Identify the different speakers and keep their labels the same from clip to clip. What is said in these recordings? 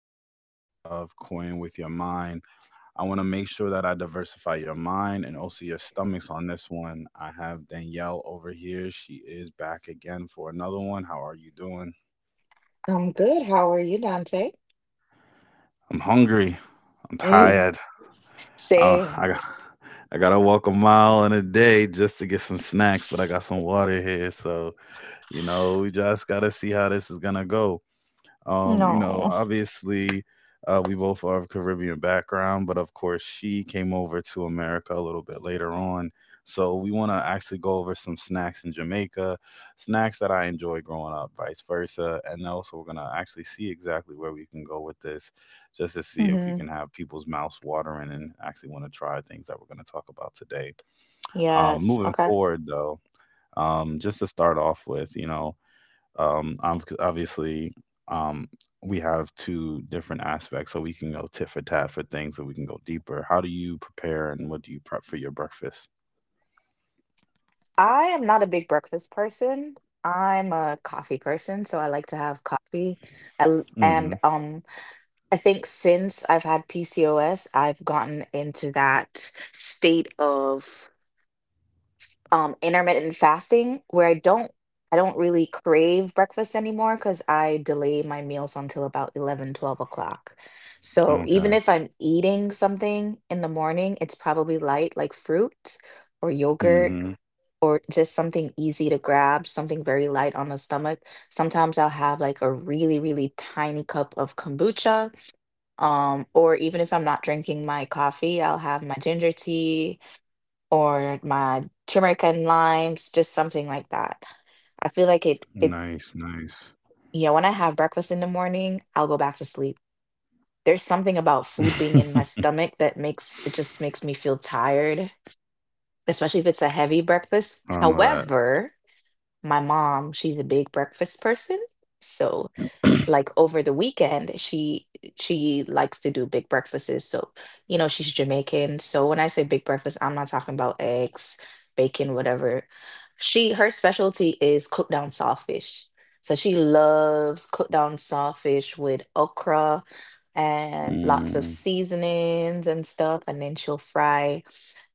Speaker 1: rendition of Coin with Your Mind. I want to make sure that I diversify your mind and also your stomachs on this one. I have Danielle over here. She is back again for another one. How are you doing?
Speaker 2: I'm good. How are you, Dante?
Speaker 1: I'm hungry. I'm
Speaker 2: Mm,
Speaker 1: tired.
Speaker 2: Same.
Speaker 1: I got. I gotta walk a mile in a day just to get some snacks, but I got some water here, so you know we just gotta see how this is gonna go. You know,
Speaker 2: No.
Speaker 1: obviously, we both are of Caribbean background, but of course, she came over to America a little bit later on. So we want to actually go over some snacks in Jamaica, snacks that I enjoyed growing up, vice versa, and also we're gonna actually see exactly where we can go with this, just to see if we can
Speaker 2: hmm
Speaker 1: have people's mouths watering and actually want to try things that we're gonna talk about today.
Speaker 2: Yes.
Speaker 1: Moving
Speaker 2: Okay.
Speaker 1: forward, though, just to start off with, Obviously, um, we have two different aspects, so we can go tit for tat for things, and we can go deeper. How do you prepare, and what do you prep for your breakfast?
Speaker 2: I am not a big breakfast person. I'm a coffee person, so I like to have coffee. I l- And
Speaker 1: Hmm.
Speaker 2: I think since I've had PCOS, I've gotten into that state of intermittent fasting where I don't really crave breakfast anymore because I delay my meals until about 11, 12 o'clock. So even if I'm
Speaker 1: Okay.
Speaker 2: eating something in the morning, it's probably light, like fruit or yogurt
Speaker 1: Hmm.
Speaker 2: or just something easy to grab, something very light on the stomach. Sometimes I'll have like a really, really tiny cup of kombucha. Or even if I'm not drinking my coffee, I'll have my ginger tea or my turmeric and limes, just something like that. I feel like it
Speaker 1: Nice, nice.
Speaker 2: Yeah, when I have breakfast in the morning, I'll go back to sleep. There's something about food being in my stomach that makes it just makes me feel tired, especially if it's a heavy breakfast.
Speaker 1: I know
Speaker 2: However, my mom, she's a big breakfast person. So
Speaker 1: that.
Speaker 2: like over the weekend she likes to do big breakfasts. So you know she's Jamaican, so when I say big breakfast I'm not talking about eggs, bacon, whatever. She her specialty is cooked down sawfish, so she loves cooked down sawfish with okra and lots of
Speaker 1: Mm,
Speaker 2: seasonings and stuff, and then she'll fry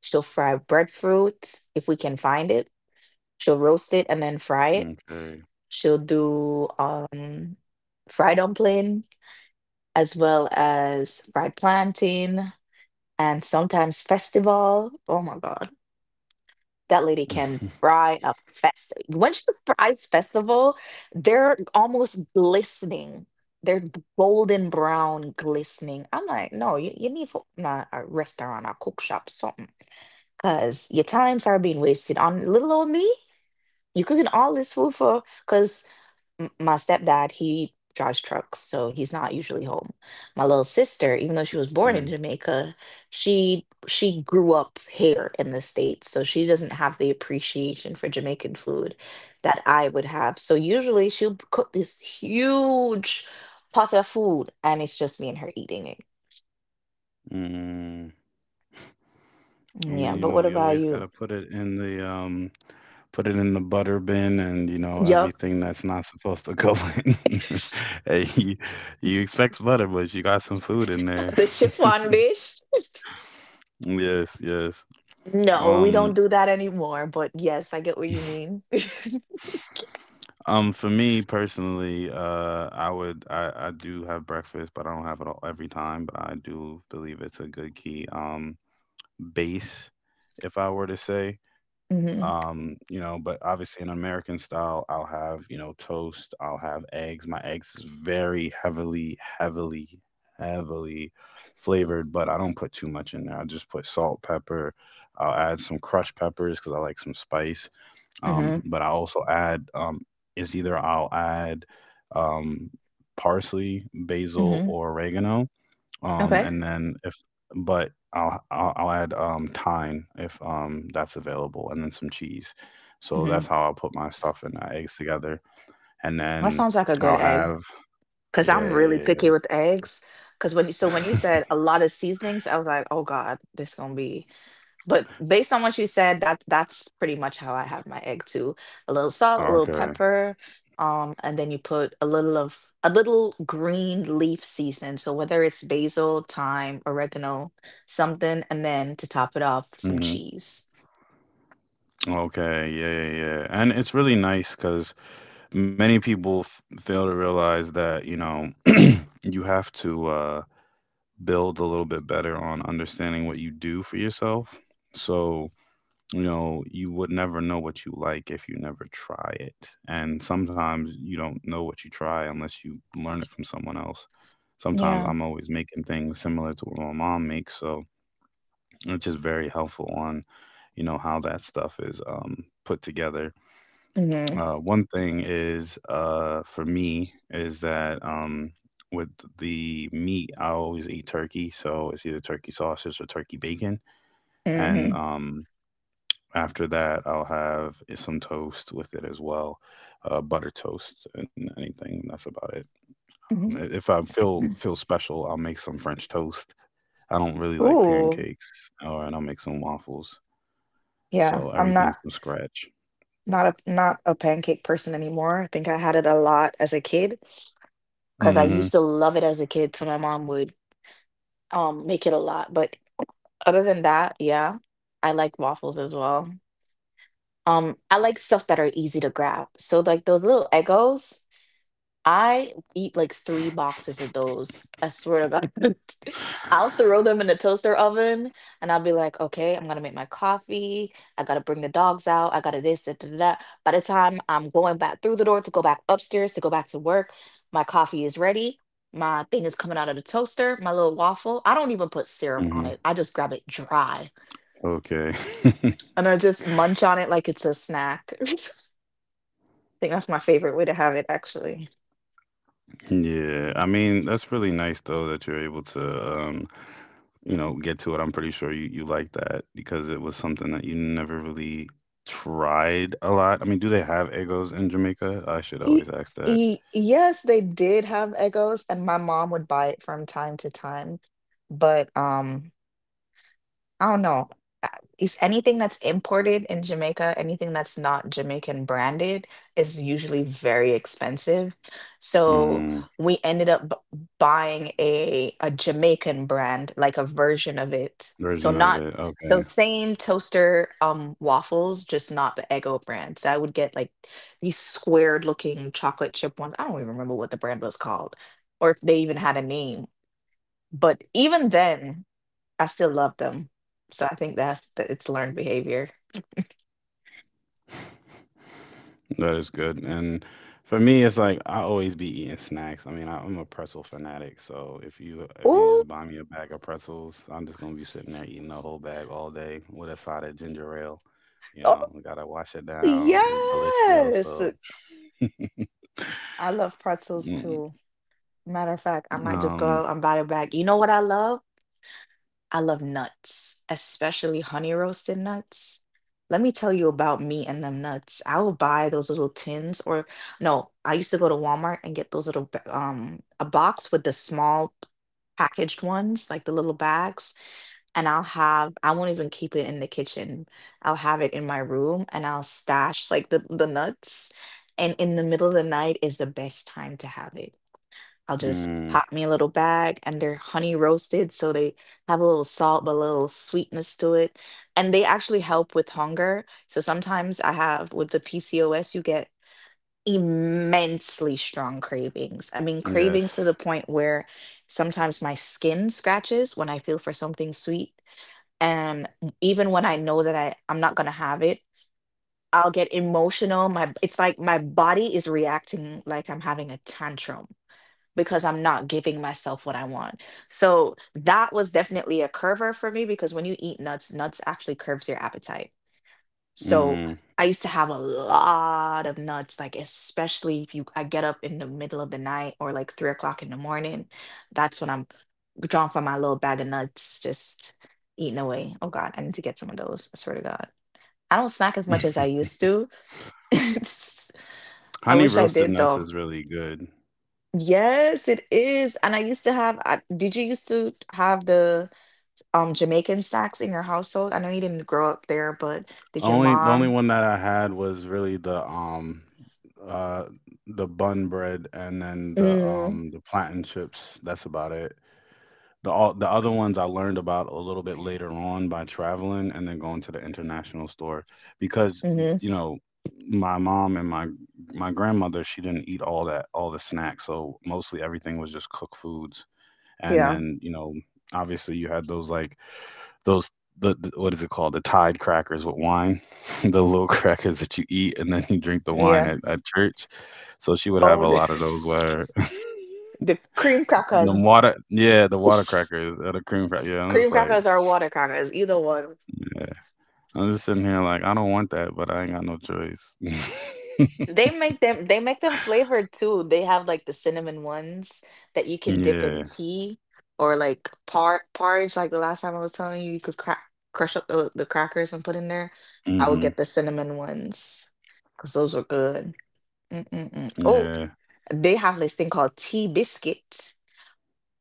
Speaker 2: she'll fry breadfruit if we can find it. She'll roast it and then fry it.
Speaker 1: okay.
Speaker 2: She'll do fried dumpling as well as fried plantain, and sometimes festival. Oh my God. That lady can fry a fest. When she fries festival, they're almost glistening. Golden brown glistening. I'm like, no, you need for nah, a restaurant, a cook shop, something. Because your times are being wasted on little old me. You cooking all this food for? Cause. M- my stepdad, he drives trucks, so he's not usually home. My little sister, even though she was born in
Speaker 1: Okay.
Speaker 2: Jamaica, she grew up here in the States, so she doesn't have the appreciation for Jamaican food that I would have. So usually she'll cook this huge pot of food, and it's just me and her eating it.
Speaker 1: Mm. I mean,
Speaker 2: Yeah,
Speaker 1: you
Speaker 2: but
Speaker 1: know,
Speaker 2: what
Speaker 1: you
Speaker 2: about
Speaker 1: always got to
Speaker 2: you?
Speaker 1: put it in the put it in the butter bin, and you know
Speaker 2: Yup.
Speaker 1: everything that's not supposed to go in. Hey, you expect butter, but you got some food in there.
Speaker 2: The chiffon dish.
Speaker 1: Yes, yes.
Speaker 2: No, we don't
Speaker 1: Um
Speaker 2: do that anymore, but yes, I get what you mean.
Speaker 1: for me personally, I would I do have breakfast, but I don't have it all every time, but I do believe it's a good key. Base, if I were to say.
Speaker 2: hmm
Speaker 1: You know, but obviously in American style, I'll have, you know, toast, I'll have eggs. My eggs is very heavily, heavily, heavily flavored, but I don't put too much in there. I just put salt, pepper. I'll add some crushed peppers because I like some spice.
Speaker 2: hmm
Speaker 1: But I also add is either I'll add um, parsley, basil,
Speaker 2: Mhm.
Speaker 1: or oregano, um
Speaker 2: Okay.
Speaker 1: and then if I'll add thyme if that's available, and then some cheese, so that's
Speaker 2: Mhm.
Speaker 1: how I'll put my stuff and my eggs together, and
Speaker 2: That
Speaker 1: then
Speaker 2: sounds like a good
Speaker 1: I'll
Speaker 2: egg
Speaker 1: have
Speaker 2: because
Speaker 1: yeah,
Speaker 2: I'm really
Speaker 1: yeah, yeah.
Speaker 2: picky with eggs. So when you
Speaker 1: Yeah.
Speaker 2: said a lot of seasonings, I was like, oh God, this gonna be. But based on what you said, that's pretty much how I have my egg too. A little salt, a little
Speaker 1: Okay.
Speaker 2: pepper, and then you put a little green leaf season. So whether it's basil, thyme, oregano, something, and then to top it off, some
Speaker 1: Hmm.
Speaker 2: cheese.
Speaker 1: Okay, yeah, yeah, yeah. And it's really nice because many people fail to realize that you know you have to build a little bit better on understanding what you do for yourself, so you know, you would never know what you like if you never try it. And sometimes you don't know what you try unless you learn it from someone else. Sometimes
Speaker 2: Yeah.
Speaker 1: I'm always making things similar to what my mom makes, so it's just very helpful on, you know, how that stuff is put together.
Speaker 2: Mm-hmm.
Speaker 1: One thing is for me is that with the meat, I always eat turkey, so it's either turkey sausage or turkey bacon, and
Speaker 2: Mm-hmm.
Speaker 1: after that, I'll have some toast with it as well, butter toast and anything. That's about it. If I feel special, I'll make some French toast. I don't really like
Speaker 2: Ooh,
Speaker 1: pancakes, or and I'll make some waffles. So
Speaker 2: yeah. I'm
Speaker 1: everything
Speaker 2: not.
Speaker 1: from scratch.
Speaker 2: Not a pancake person anymore. I think I had it a lot as a kid because I
Speaker 1: Mm-hmm.
Speaker 2: used to love it as a kid, so my mom would make it a lot. But other than that, yeah, I like waffles as well. I like stuff that are easy to grab. So like those little Eggos. I eat like 3 boxes of those. I swear to God. I'll throw them in the toaster oven and I'll be like, "Okay, I'm gonna make my coffee. I gotta bring the dogs out. I gotta this, that." Da, da. By the time I'm going back through the door to go back upstairs to go back to work, my coffee is ready. My thing is coming out of the toaster, my little waffle. I don't even put syrup on
Speaker 1: Mm-hmm.
Speaker 2: it. I just grab it dry
Speaker 1: Okay.
Speaker 2: and I just munch on it like it's a snack. I think that's my favorite way to have it, actually.
Speaker 1: Yeah, I mean, that's really nice though that you're able to, you know, get to it. I'm pretty sure you, you like that because it was something that you never really tried a lot. I mean, do they have egos in Jamaica? I should
Speaker 2: Y-
Speaker 1: always ask that.
Speaker 2: yes, they did have Egos, and my mom would buy it from time to time. But I don't know. Uh, Is anything that's imported in Jamaica, anything that's not Jamaican branded, is usually very expensive. So
Speaker 1: Mm,
Speaker 2: we ended up buying a Jamaican brand, like a version of it. So
Speaker 1: version of
Speaker 2: not
Speaker 1: it.
Speaker 2: so
Speaker 1: Okay.
Speaker 2: same toaster waffles, just not the Eggo brand. So I would get like these squared looking chocolate chip ones. I don't even remember what the brand was called, or if they even had a name. But even then, I still love them. So I think that's that, it's learned behavior.
Speaker 1: That is good. And for me, it's like I always be eating snacks. I mean, I'm a pretzel fanatic. So if you
Speaker 2: Ooh,
Speaker 1: just buy me a bag of pretzels, I'm just gonna be sitting there eating a whole bag all day with a side of ginger ale. You
Speaker 2: oh
Speaker 1: know, we gotta wash it down. It's delicious.
Speaker 2: yes.
Speaker 1: So,
Speaker 2: I love pretzels
Speaker 1: mm,
Speaker 2: too. Matter of fact, I might just go
Speaker 1: um,
Speaker 2: out and buy a bag. You know what I love? I love nuts, especially honey roasted nuts. Let me tell you about me and them nuts. I will buy those little tins or no, I used to go to Walmart and get those little a box with the small packaged ones, like the little bags, and I won't even keep it in the kitchen. I'll have it in my room and I'll stash like the nuts. And in the middle of the night is the best time to have it. I'll just
Speaker 1: mm,
Speaker 2: pop me a little bag and they're honey roasted, so they have a little salt, but a little sweetness to it. And they actually help with hunger. So sometimes I have with the PCOS, you get immensely strong cravings. I mean,
Speaker 1: yes,
Speaker 2: cravings to the point where sometimes my skin scratches when I feel for something sweet. And even when I know that I'm not gonna have it, I'll get emotional. My It's like my body is reacting like I'm having a tantrum because I'm not giving myself what I want. So that was definitely a curver for me because when you eat nuts, nuts actually curbs your appetite. So
Speaker 1: mm.
Speaker 2: I used to have a lot of nuts, like especially if you I get up in the middle of the night or like 3 o'clock in the morning. That's when I'm drawn for my little bag of nuts, just eating away. Oh God, I need to get some of those. I swear to God. I don't snack as much as I used to. I
Speaker 1: Honey
Speaker 2: wish I
Speaker 1: roasted
Speaker 2: did
Speaker 1: nuts
Speaker 2: though.
Speaker 1: is really good.
Speaker 2: Yes, it is. And I used to have, did you used to have the Jamaican snacks in your household? I know you didn't grow up there, but did your
Speaker 1: Only the only
Speaker 2: mom?
Speaker 1: one that I had was really uh the bun bread and then
Speaker 2: Mm,
Speaker 1: the plantain chips. That's about it. The all the other ones I learned about a little bit later on by traveling and then going to the international store because
Speaker 2: hmm
Speaker 1: you know my mom and my grandmother, she didn't eat all that, all the snacks, so mostly everything was just cooked foods, and
Speaker 2: Yeah,
Speaker 1: then you know obviously you had those the what is it called, the Tide crackers with wine, the little crackers that you eat and then you drink the wine
Speaker 2: yeah.
Speaker 1: at church. So she would have
Speaker 2: Oh,
Speaker 1: a lot of those where
Speaker 2: this, the cream
Speaker 1: the
Speaker 2: crackers.
Speaker 1: water, yeah, the water crackers or the cream cracker. Yeah, I'm
Speaker 2: Cream
Speaker 1: just like,
Speaker 2: crackers or water crackers, either one.
Speaker 1: yeah, I'm just sitting here like I don't want that, but I ain't got no choice.
Speaker 2: They make them flavored too. They have like the cinnamon ones that you can dip in
Speaker 1: Yeah,
Speaker 2: tea or like par porridge. Like the last time I was telling you, you could crack crush up the crackers and put in there. I would
Speaker 1: hmm,
Speaker 2: get the cinnamon ones because those were good. Mm-mm-mm. Oh,
Speaker 1: yeah.
Speaker 2: they have this thing called tea biscuit.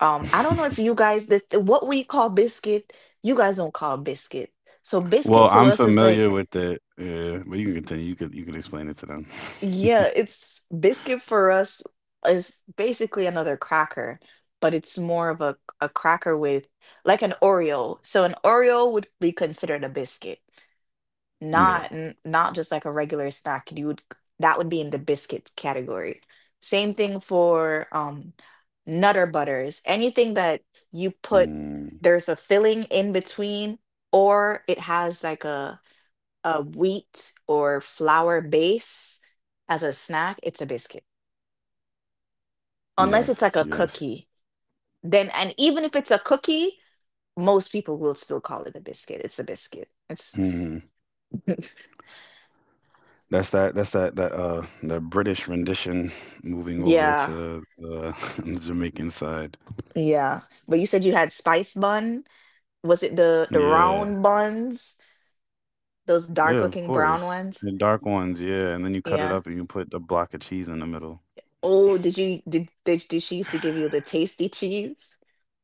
Speaker 2: I don't know if you guys what we call biscuit, you guys don't call biscuit. So biscuit
Speaker 1: Well,
Speaker 2: to
Speaker 1: I'm
Speaker 2: us is
Speaker 1: familiar
Speaker 2: like.
Speaker 1: with it. Yeah, but you can continue. You could explain it to them.
Speaker 2: Yeah, it's biscuit for us is basically another cracker, but it's more of a cracker with like an Oreo. So an Oreo would be considered a biscuit,
Speaker 1: Yeah.
Speaker 2: not n- not just like a regular snack. You would That would be in the biscuit category. Same thing for Nutter Butters. Anything that you put
Speaker 1: Mm,
Speaker 2: there's a filling in between, or it has like a wheat or flour base as a snack, it's a biscuit. Unless it's
Speaker 1: yes.
Speaker 2: like a
Speaker 1: Yes.
Speaker 2: cookie. Then and Even if it's a cookie, most people will still call it a biscuit. It's a biscuit. It's
Speaker 1: Mm-hmm. That's that. That's that. That the British rendition moving over
Speaker 2: yeah.
Speaker 1: to the, the Jamaican side.
Speaker 2: Yeah. But you said you had spice bun. Was it the
Speaker 1: Yeah,
Speaker 2: round buns? Those dark
Speaker 1: yeah, of
Speaker 2: looking brown
Speaker 1: course.
Speaker 2: ones?
Speaker 1: The dark ones, yeah, and then you cut it
Speaker 2: Yeah.
Speaker 1: up and you put a block of cheese in the middle.
Speaker 2: Oh, did she used to give you the tasty cheese?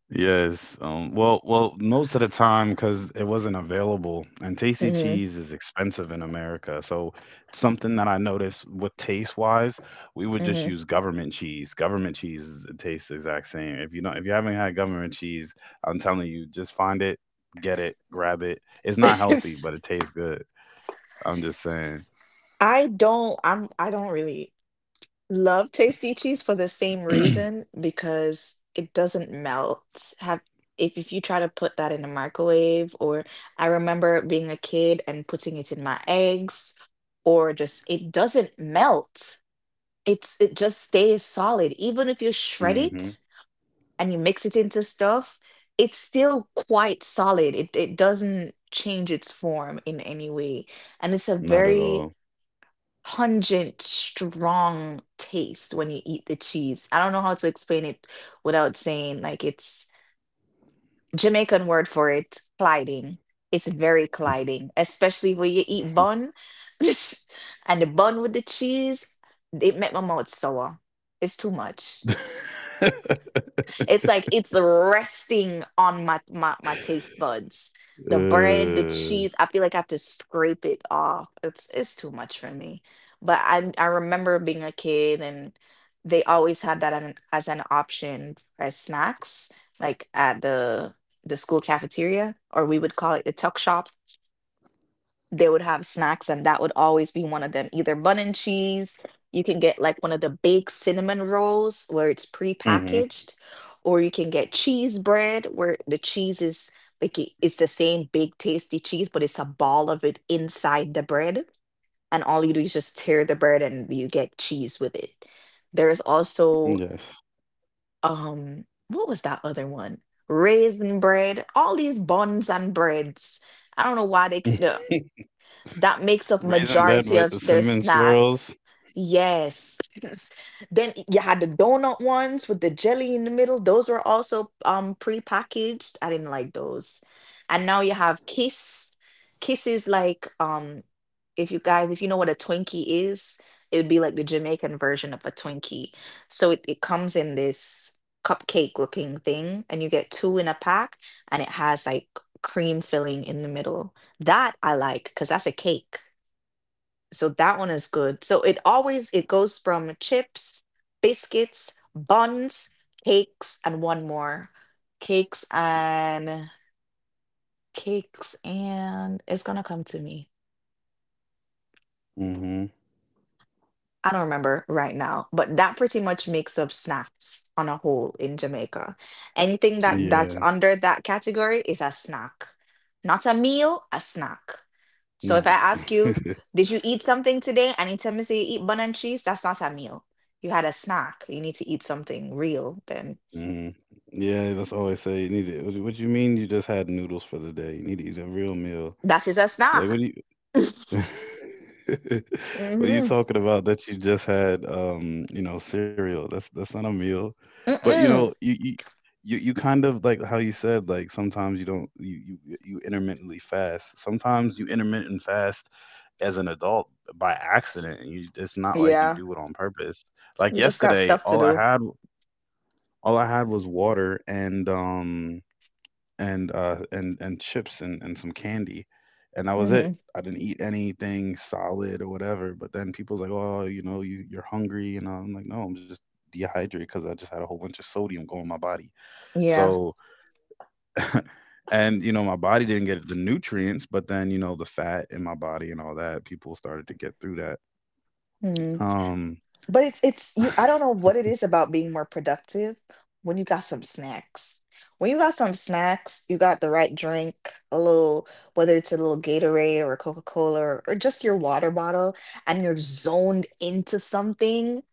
Speaker 1: Yes. Well, well, most of the time because it wasn't available, and tasty
Speaker 2: Mm-hmm.
Speaker 1: cheese is expensive in America. So something that I noticed with taste wise, we would just use government cheese. Government cheese is- it tastes the exact same. If you don't, if you haven't had government cheese, I'm telling you, just find it, get it, grab it. It's not
Speaker 2: Mm-hmm.
Speaker 1: healthy, but it tastes good. I'm just saying.
Speaker 2: I don't really love tasty cheese for the same reason because it doesn't melt. Have If you try to put that in a microwave, or I remember being a kid and putting it in my eggs, or just it doesn't melt. It just stays solid. Even if you shred
Speaker 1: Hmm.
Speaker 2: it and you mix it into stuff, it's still quite solid. It doesn't change its form in any way. And it's a
Speaker 1: Not at
Speaker 2: very
Speaker 1: all.
Speaker 2: pungent, strong taste when you eat the cheese. I don't know how to explain it without saying like it's Jamaican word for it, clyding. It's very clyding, especially when you eat bun and the bun with the cheese. It make my mouth sour. It's too much.
Speaker 1: Uh,
Speaker 2: It's like it's resting on my, my taste buds. The bread, the cheese, I feel like I have to scrape it off. It's too much for me. But I remember being a kid and they always had that as an option as snacks, like at the school cafeteria, or we would call it the tuck shop. They would have snacks and that would always be one of them, either bun and cheese. You can get like one of the baked cinnamon rolls where it's
Speaker 1: hmm.
Speaker 2: prepackaged, or you can get cheese bread where the cheese is like it's the same big tasty cheese, but it's a ball of it inside the bread, and all you do is just tear the bread and you get cheese with it. There is
Speaker 1: Yes.
Speaker 2: also what was that other one, raisin bread, all these buns and breads. I don't know why they, that makes up
Speaker 1: Raisin bed with
Speaker 2: majority
Speaker 1: the
Speaker 2: of their
Speaker 1: cinnamon
Speaker 2: snack.
Speaker 1: swirls.
Speaker 2: Yes. Yes. Then you had the donut ones with the jelly in the middle. Those were also prepackaged. I didn't like those. And now you have Kiss. Kiss is like, if you guys, if you know what a Twinkie is, it would be like the Jamaican version of a Twinkie. So it comes in this cupcake looking thing and you get two in a pack, and it has like cream filling in the middle. That I like, because that's a cake. So that one is good. So it always, it goes from chips, biscuits, buns, cakes, and one more. Cakes and cakes, and it's gonna come to me.
Speaker 1: Hmm.
Speaker 2: I don't remember right now, but that pretty much makes up snacks on a whole in Jamaica. Anything that's
Speaker 1: Yeah,
Speaker 2: under that category is a snack. Not a meal, a snack. So
Speaker 1: not.
Speaker 2: if I ask you, did you eat something today? And you tell me say you eat bun and cheese, that's not a meal. You had a snack. You need to eat something real, then
Speaker 1: Hmm. Yeah, that's all I say. You need to, what do you mean you just had noodles for the day? You need to eat a real meal.
Speaker 2: that is a
Speaker 1: Like, what
Speaker 2: snack.
Speaker 1: do you? What are you
Speaker 2: Mm-hmm.
Speaker 1: talking about that you just had you know, cereal? That's not a meal. But you know,
Speaker 2: Mm-mm.
Speaker 1: you kind of like how you said like sometimes you don't you, you you intermittently fast. Sometimes you intermittent fast as an adult by accident, and you it's not like you
Speaker 2: Yeah.
Speaker 1: do it on purpose. Like
Speaker 2: You just got
Speaker 1: yesterday,
Speaker 2: stuff to do.
Speaker 1: all I had was water and and chips and some candy, and that was it.
Speaker 2: Mm-hmm.
Speaker 1: I didn't eat anything solid or whatever, but then people's like, oh, you know, you you're hungry, and I'm like, no, I'm just dehydrated because I just had a whole bunch of sodium go in my body,
Speaker 2: Yeah.
Speaker 1: so and you know my body didn't get the nutrients, but then you know the fat in my body and all that, people started to get through that.
Speaker 2: Mhm.
Speaker 1: um
Speaker 2: But it's you, I don't know what it is about being more productive when you got some snacks. When you got some snacks, you got the right drink, a little, whether it's a little Gatorade or a Coca-Cola, or just your water bottle, and you're zoned into something.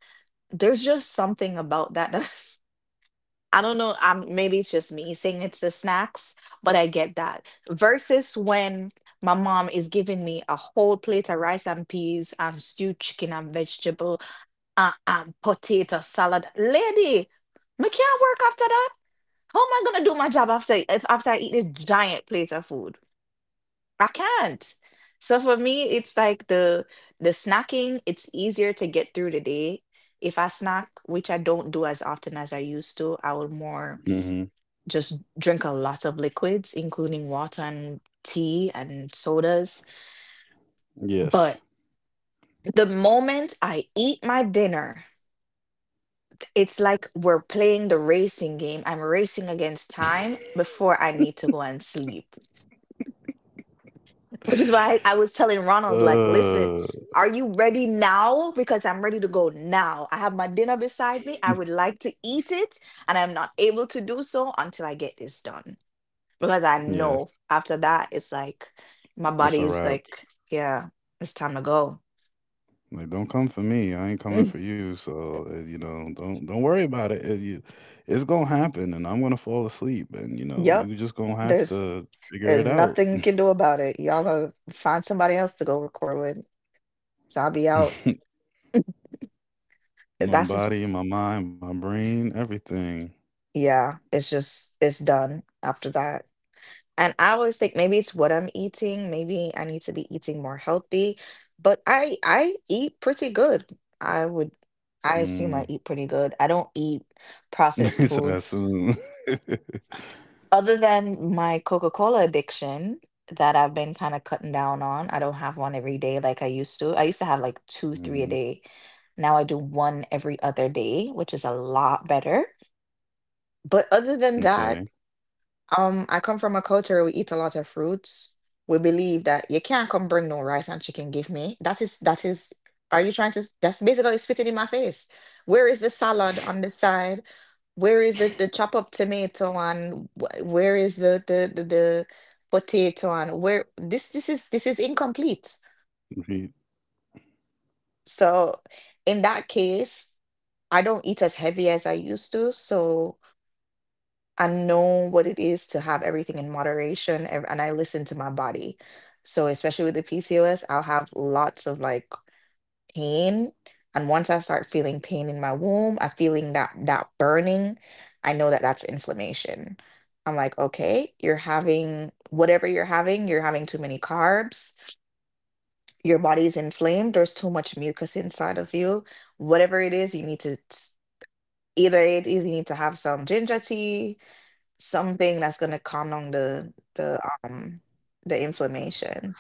Speaker 2: There's just something about that. I don't know. I'm maybe it's just me saying it's the snacks, but I get that. Versus when my mom is giving me a whole plate of rice and peas and stewed chicken and vegetable, potato salad. Lady, me can't work after that. How am I gonna do my job after, if after I eat this giant plate of food? I can't. So for me, it's like the snacking, it's easier to get through the day. If I snack, which I don't do as often as I used to, I will more
Speaker 1: mhm,
Speaker 2: just drink a lot of liquids, including water and tea and sodas.
Speaker 1: yes.
Speaker 2: But the moment I eat my dinner, it's like we're playing the racing game. I'm racing against
Speaker 1: Uh,
Speaker 2: time before I need to go and sleep. Which is why I was telling Ronald, like, listen, are you ready now? Because I'm ready to go now. I have my dinner beside me. I would like to eat it, and I'm not able to do so until I get this done. Because I know
Speaker 1: yes,
Speaker 2: after that, it's like my
Speaker 1: it's
Speaker 2: body
Speaker 1: a
Speaker 2: is
Speaker 1: wrap.
Speaker 2: like, yeah, it's time to go.
Speaker 1: Like, don't come for me. I ain't coming
Speaker 2: Mm.
Speaker 1: for you. So, you know, don't worry about it. It- you- it's gonna happen, and I'm gonna fall asleep, and you know,
Speaker 2: Yep.
Speaker 1: you just gonna have
Speaker 2: There's
Speaker 1: to figure
Speaker 2: there's
Speaker 1: it out.
Speaker 2: nothing you can do about it. Y'all gonna find somebody else to go record with. So I'll be out.
Speaker 1: My
Speaker 2: That's just,
Speaker 1: body, my mind, my brain, everything.
Speaker 2: yeah, it's just it's done after that. And I always think maybe it's what I'm eating, maybe I need to be eating more healthy, but I eat pretty good. I would, I assume I
Speaker 1: Mm.
Speaker 2: eat pretty good. I don't eat
Speaker 1: So
Speaker 2: processed
Speaker 1: that's soon.
Speaker 2: foods, other than my Coca-Cola addiction that I've been kind of cutting down on. I don't have one every day like I used to. I used to have like 2, 3 a
Speaker 1: Hmm.
Speaker 2: day. Now I do one every other day, which is a lot better. But other than
Speaker 1: Okay.
Speaker 2: that, I come from a culture, we eat a lot of fruits. We believe that you can't come bring no rice and chicken give me. That is, that is, are you trying to s- that's basically spitting in my face. Where is the salad on the side? Where is the chop up tomato, and where is the potato, and where this is, this is incomplete.
Speaker 1: Read.
Speaker 2: So in that case, I don't eat as heavy as I used to. So I know what it is to have everything in moderation, and I listen to my body. So, especially with the PCOS, I'll have lots of like pain. And once I start feeling pain in my womb, I'm feeling that burning, I know that that's inflammation. I'm like, okay, you're having whatever you're having too many carbs, your body's inflamed, there's too much mucus inside of you. Whatever it is, you need to either it is you need to have some ginger tea, something that's gonna calm down the the the inflammation.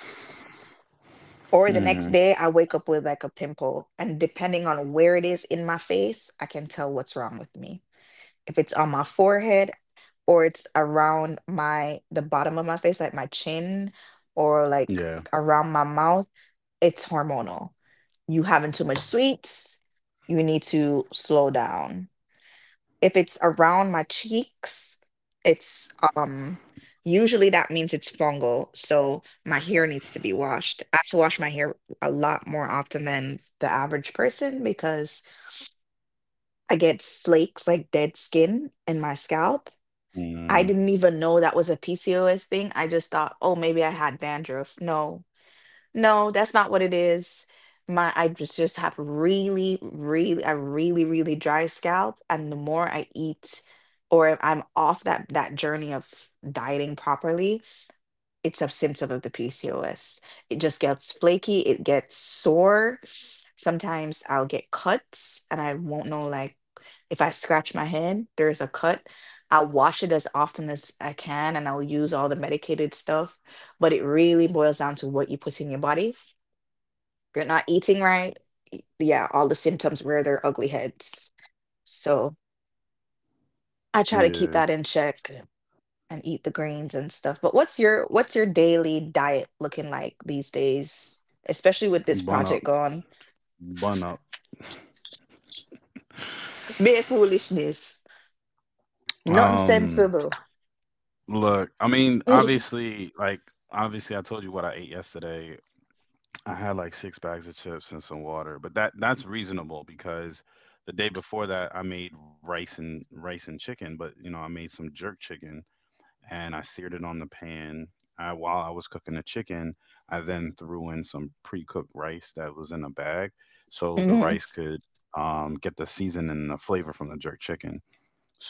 Speaker 2: Or the
Speaker 1: Hmm.
Speaker 2: next day I wake up with like a pimple, and depending on where it is in my face, I can tell what's wrong with me. If it's on my forehead, or it's around my, the bottom of my face, like my chin, or like
Speaker 1: Yeah.
Speaker 2: around my mouth, it's hormonal. You having too much sweets, you need to slow down. If it's around my cheeks, it's, usually that means it's fungal. So my hair needs to be washed. I have to wash my hair a lot more often than the average person, because I get flakes like dead skin in my scalp. I
Speaker 1: Mm.
Speaker 2: didn't even know that was a PCOS thing. I just thought, oh, maybe I had dandruff. No, no, that's not what it is. My, I just have really, really, a really, really dry scalp, and the more I eat, or if I'm off that journey of dieting properly, it's a symptom of the PCOS. It just gets flaky, it gets sore. Sometimes I'll get cuts, and I won't know, like if I scratch my head, there's a cut. I'll wash it as often as I can, and I'll use all the medicated stuff, but it really boils down to what you put in your body. You're not eating right. Yeah, all the symptoms rear their ugly heads. So I try to keep
Speaker 1: Yeah.
Speaker 2: that in check. Yeah. And eat the greens and stuff. But what's your, what's your daily diet looking like these days, especially with this
Speaker 1: Bun up.
Speaker 2: project gone?
Speaker 1: Bun up.
Speaker 2: Mere foolishness, nothing
Speaker 1: Um.
Speaker 2: sensible.
Speaker 1: Look, I mean, obviously I told you what I ate yesterday. I had like six bags of chips and some water, but that that's reasonable because the day before that I made rice and chicken, but you know, I made some jerk chicken and I seared it on the pan. While I was cooking the chicken, I then threw in some pre-cooked rice that was in a bag so the
Speaker 2: Mm-hmm.
Speaker 1: rice could get the season and the flavor from the jerk chicken.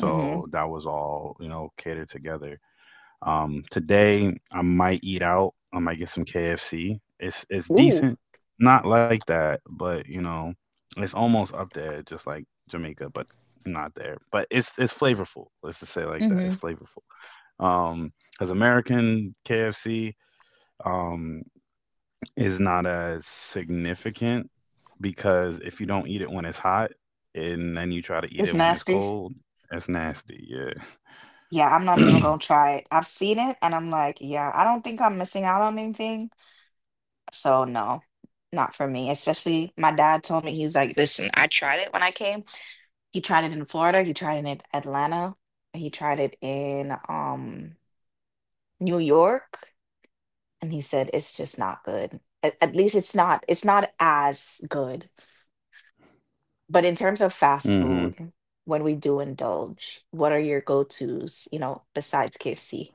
Speaker 2: Mm-hmm.
Speaker 1: that was all, you know, catered together. Today I might eat out. I might get some KFC. It's
Speaker 2: Ooh.
Speaker 1: decent, not like that, but you know, it's almost up there, just like Jamaica, but not there. But it's flavorful. Let's just say it like that.
Speaker 2: Mm-hmm.
Speaker 1: It's flavorful. Um, as American KFC, um, is not as significant because if you don't eat it when it's hot and then you try to eat
Speaker 2: It's
Speaker 1: it when it's
Speaker 2: nasty.
Speaker 1: cold, it's nasty. Yeah.
Speaker 2: Yeah, I'm not even gonna try it. I've seen it and I'm like, yeah, I don't think I'm missing out on anything. So no, not for me. Especially my dad told me, he's like, listen, I tried it when I came. He tried it in Florida, he tried it in Atlanta, he tried it in New York, and he said it's just not good. At least it's not, it's not as good. But in terms of fast
Speaker 1: Hmm.
Speaker 2: food, when we do indulge, what are your go-tos, you know, besides KFC?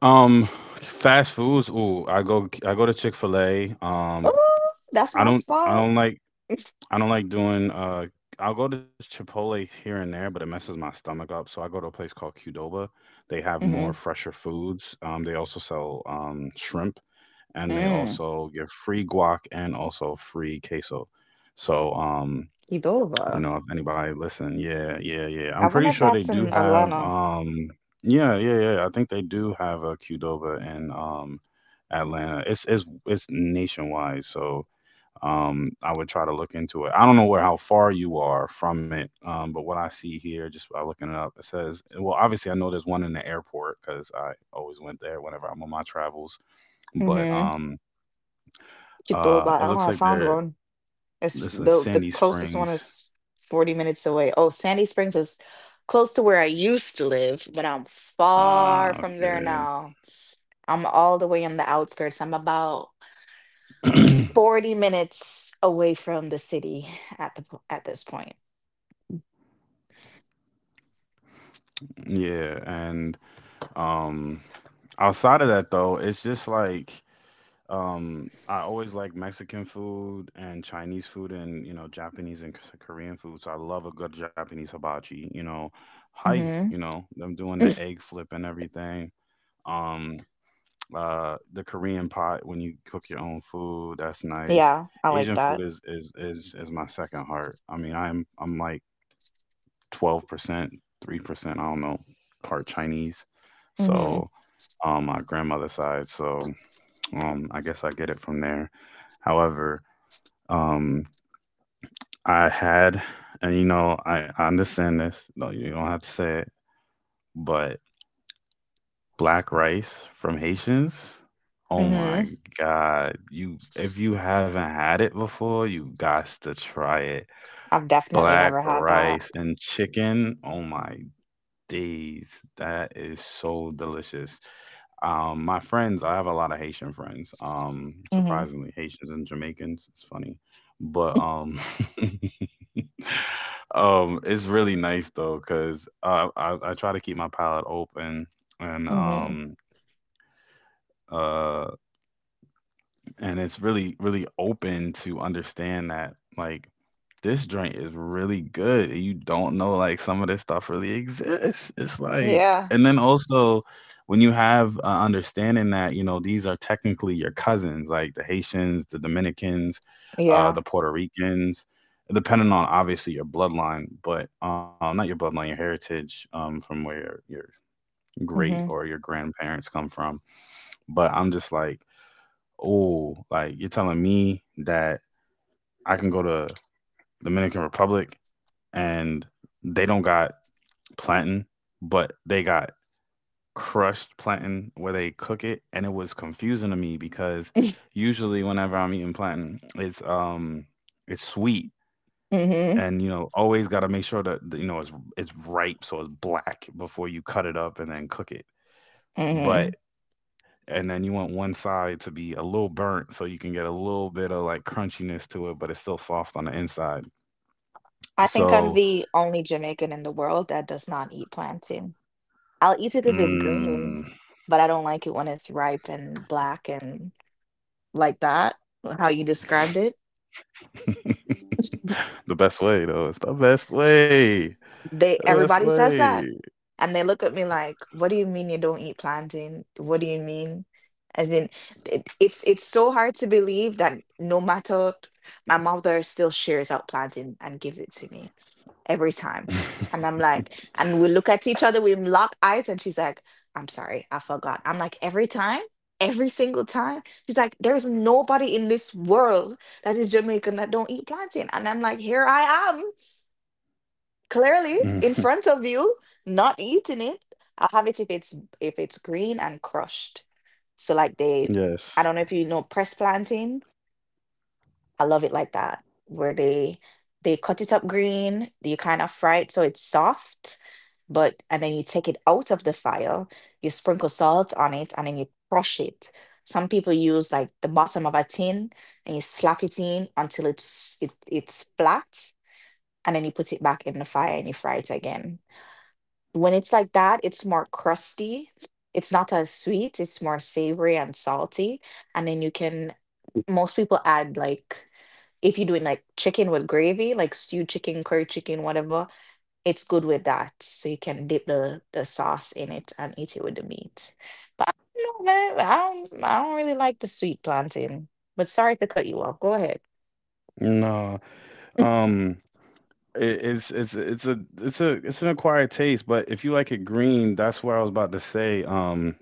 Speaker 1: Um, Fast foods. Ooh, I go to Chick-fil-A.
Speaker 2: Oh, that's my
Speaker 1: I
Speaker 2: spot.
Speaker 1: don't like doing I'll go to Chipotle here and there, but it messes my stomach up. So I go to a place called Qdoba. They have more
Speaker 2: Mm-hmm.
Speaker 1: fresher foods. They also sell shrimp and they
Speaker 2: Mm.
Speaker 1: also give free guac and also free queso. So you
Speaker 2: Qdoba.
Speaker 1: know if anybody listen, yeah, yeah, yeah,
Speaker 2: I
Speaker 1: I'm pretty
Speaker 2: wonder if
Speaker 1: sure they
Speaker 2: that's
Speaker 1: do
Speaker 2: in
Speaker 1: have
Speaker 2: Atlanta.
Speaker 1: um Yeah, yeah, yeah, yeah. I think they do have a Qdoba in Atlanta. It's nationwide, so I would try to look into it. I don't know where, how far you are from it, but what I see here just by looking it up, it says, well, obviously I know there's one in the airport because I always went there whenever I'm on my travels. But
Speaker 2: Chitoba.
Speaker 1: it
Speaker 2: Oh, I
Speaker 1: looks like
Speaker 2: found
Speaker 1: they're,
Speaker 2: one. It's
Speaker 1: this is
Speaker 2: the
Speaker 1: Sandy
Speaker 2: closest one
Speaker 1: Springs.
Speaker 2: is 40 minutes away. Oh, Sandy Springs is close to where I used to live, but I'm
Speaker 1: uh
Speaker 2: far from there now. I'm all the way on the outskirts. I'm about
Speaker 1: okay.
Speaker 2: 40 minutes away from the city at at this point.
Speaker 1: Yeah, and um outside of that though, it's just like I always like Mexican food and Chinese food and you know Japanese and Korean food. So I love a good Japanese hibachi, you know. Hi, you
Speaker 2: Mhm.
Speaker 1: know, them doing the egg flip and everything. Um the Korean pot when you cook your own food, that's nice.
Speaker 2: Yeah, I like
Speaker 1: Asian
Speaker 2: that.
Speaker 1: food is my second heart. I mean, I'm like 12%, 3%, I don't know, part Chinese.
Speaker 2: Mhm.
Speaker 1: So on my grandmother's side. So I guess I get it from there. However, um, I had, and you know, I understand this. No, you don't have to say it, but black rice from Haitians. Oh
Speaker 2: Mhm.
Speaker 1: my God! You, if you haven't had it before, you got to try it.
Speaker 2: I've definitely
Speaker 1: Black
Speaker 2: never had that.
Speaker 1: rice and chicken. Oh my days. That is so delicious. My friends, I have a lot of Haitian friends.
Speaker 2: Mhm.
Speaker 1: Surprisingly, Haitians and Jamaicans. It's funny, but it's really nice though, cause I try to keep my palate open and
Speaker 2: Mhm.
Speaker 1: um uh and it's really, really open to understand that, like, this joint is really good. You don't know, like, some of this stuff really exists. It's like,
Speaker 2: Yeah.
Speaker 1: and then also when you have understanding that, you know, these are technically your cousins, like the Haitians, the Dominicans,
Speaker 2: Yeah.
Speaker 1: the Puerto Ricans, depending on obviously your bloodline. But not your bloodline your heritage, from where your great
Speaker 2: Mhm.
Speaker 1: or your grandparents come from. But I'm just like, oh, like you're telling me that I can go to Dominican Republic and they don't got plantain, but they got crushed plantain where they cook it. And it was confusing to me because usually whenever I'm eating plantain, it's it's sweet.
Speaker 2: Mhm.
Speaker 1: And you know, always got to make sure that you know it's ripe, so it's black before you cut it up and then cook it. But
Speaker 2: Mhm.
Speaker 1: and then you want one side to be a little burnt so you can get a little bit of like crunchiness to it, but it's still soft on the inside.
Speaker 2: I think I'm
Speaker 1: So,
Speaker 2: the only Jamaican in the world that does not eat plantain. I'll eat it if it's green,
Speaker 1: mm,
Speaker 2: but I don't like it when it's ripe and black and like that, how you described it.
Speaker 1: the best way though, it's the best way,
Speaker 2: They,
Speaker 1: the best
Speaker 2: everybody says that.
Speaker 1: way.
Speaker 2: And they look at me like, "What do you mean you don't eat plantain? What do you mean?" As in, it's so hard to believe that no matter, my mother still shares out plantain and gives it to me, every time. And I'm like, and we look at each other, we lock eyes, and she's like, I'm sorry, I forgot. I'm like, every time, every single time. She's like, there's nobody in this world that is Jamaican that don't eat plantain. And I'm like, here I am, clearly in front of you, not eating it. I'll have it if it's, if it's green and crushed. So like they, I
Speaker 1: Yes.
Speaker 2: don't know if you know press plantain, I love it like that, where they cut it up green, you kind of fry it so it's soft, but, and then you take it out of the fire, you sprinkle salt on it, and then you crush it. Some people use like the bottom of a tin and you slap it in until it's flat, and then you put it back in the fire and you fry it again. When it's like that, it's more crusty. It's not as sweet, it's more savory and salty, and then you can most people add, like if you're doing, like, chicken with gravy, like stewed chicken, curry chicken, whatever, it's good with that, so you can dip the sauce in it and eat it with the meat. But I don't know, man, I don't really like the sweet plantain, but sorry to cut you off. Go ahead.
Speaker 1: No. Um. It, it's a it's a it's an acquired taste, but if you like it green, that's where I was about to say.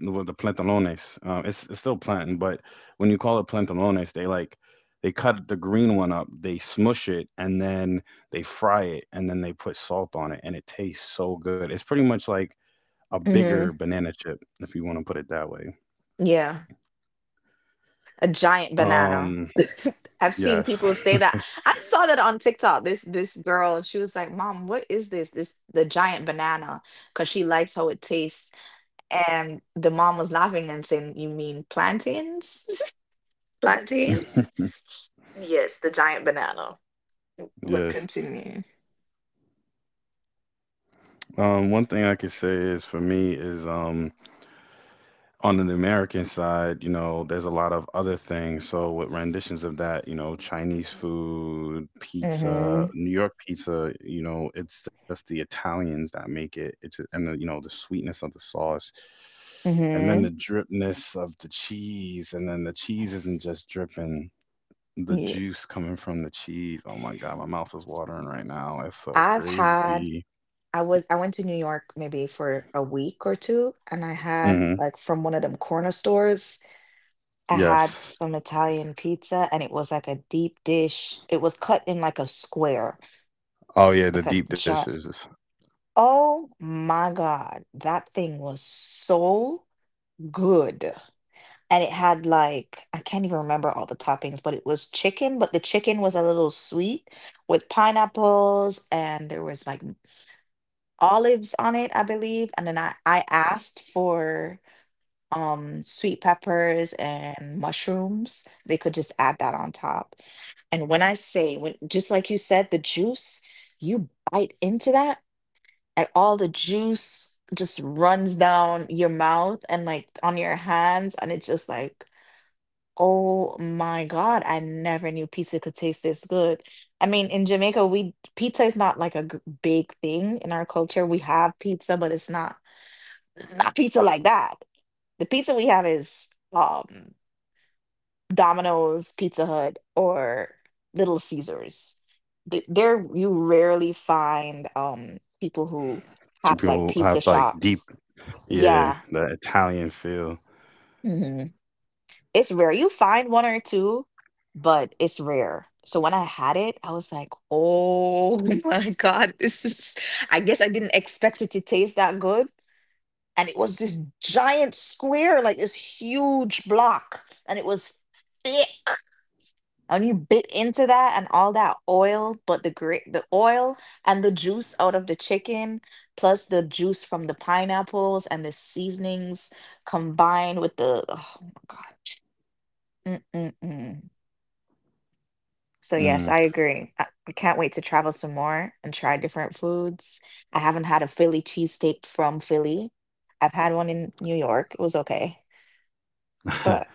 Speaker 1: With the plantalones, it's still plantain, but when you call it plantalones, they like they cut the green one up, they smush it, and then they fry it, and then they put salt on it, and it tastes so good. It's pretty much like a
Speaker 2: Mhm.
Speaker 1: bigger banana chip, if you want to put it that way.
Speaker 2: Yeah. A giant banana.
Speaker 1: Um,
Speaker 2: I've seen
Speaker 1: yes.
Speaker 2: people say that. I saw that on TikTok. This girl, she was like, "Mom, what is this? This the giant banana?" Because she likes how it tastes. And the mom was laughing and saying, "You mean plantains? Plantains? Yes, the giant banana." But
Speaker 1: Yes.
Speaker 2: continue.
Speaker 1: One thing I could say is for me is on the American side, you know, there's a lot of other things. So with renditions of that, you know, Chinese food, pizza,
Speaker 2: Mm-hmm.
Speaker 1: New York pizza, you know, it's just the Italians that make it. It's and the you know the sweetness of the sauce, and then the
Speaker 2: Mm-hmm.
Speaker 1: dripness of the cheese, and then the cheese isn't just dripping. The
Speaker 2: Yeah.
Speaker 1: juice coming from the cheese. Oh my God, my mouth is watering right now. It's so
Speaker 2: I've had.
Speaker 1: crazy.
Speaker 2: I was. I went to New York maybe for a week or two, and I had
Speaker 1: Hmm.
Speaker 2: like from one of them corner stores. I had
Speaker 1: Yes.
Speaker 2: some Italian pizza and it was like a deep dish. It was cut in like a square,
Speaker 1: Oh yeah, the
Speaker 2: like a
Speaker 1: deep
Speaker 2: giant.
Speaker 1: dishes.
Speaker 2: Oh my God. That thing was so good. And it had like, I can't even remember all the toppings, but it was chicken, but the chicken was a little sweet with pineapples and there was like olives on it, I believe. And then I asked for sweet peppers and mushrooms. They could just add that on top. And when I say when just like you said, the juice, you bite into that and all the juice just runs down your mouth and like on your hands and it's just like, oh my God, I never knew pizza could taste this good. I mean, in Jamaica, we pizza is not like a big thing in our culture. We have pizza, but it's not pizza like that. The pizza we have is Domino's, Pizza Hut, or Little Caesars. There, you rarely find people who
Speaker 1: Two
Speaker 2: have
Speaker 1: people
Speaker 2: like
Speaker 1: have
Speaker 2: pizza
Speaker 1: like deep,
Speaker 2: shops.
Speaker 1: yeah,
Speaker 2: Yeah,
Speaker 1: that Italian feel.
Speaker 2: hmm it's rare. You find one or two, but it's rare. So when I had it, I was like, "Oh my God, this is." I guess I didn't expect it to taste that good, and it was this giant square, like this huge block, and it was thick. And you bit into that and all that oil, but the oil and the juice out of the chicken, plus the juice from the pineapples and the seasonings combined with the, oh my God. Mm-mm-mm. So yes,
Speaker 1: Mm.
Speaker 2: I agree. I can't wait to travel some more and try different foods. I haven't had a Philly cheesesteak from Philly. I've had one in New York. It was okay. But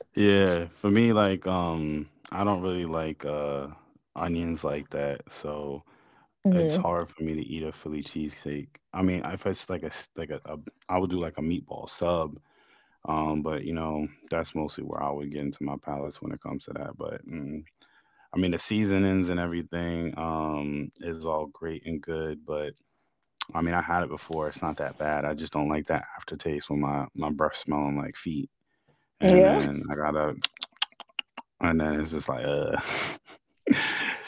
Speaker 1: Yeah, for me, like, I don't really like onions like that, so it's
Speaker 2: mhm,
Speaker 1: hard for me to eat a Philly cheesesteak. I mean, if it's like a I would do like a meatball sub, but you know, that's mostly where I would get into my palates when it comes to that. But, mm, I mean, the seasonings and everything, is all great and good, but I mean, I had it before. It's not that bad. I just don't like that aftertaste when my breath smelling like feet. And
Speaker 2: yeah.
Speaker 1: then I gotta, and then it's just like,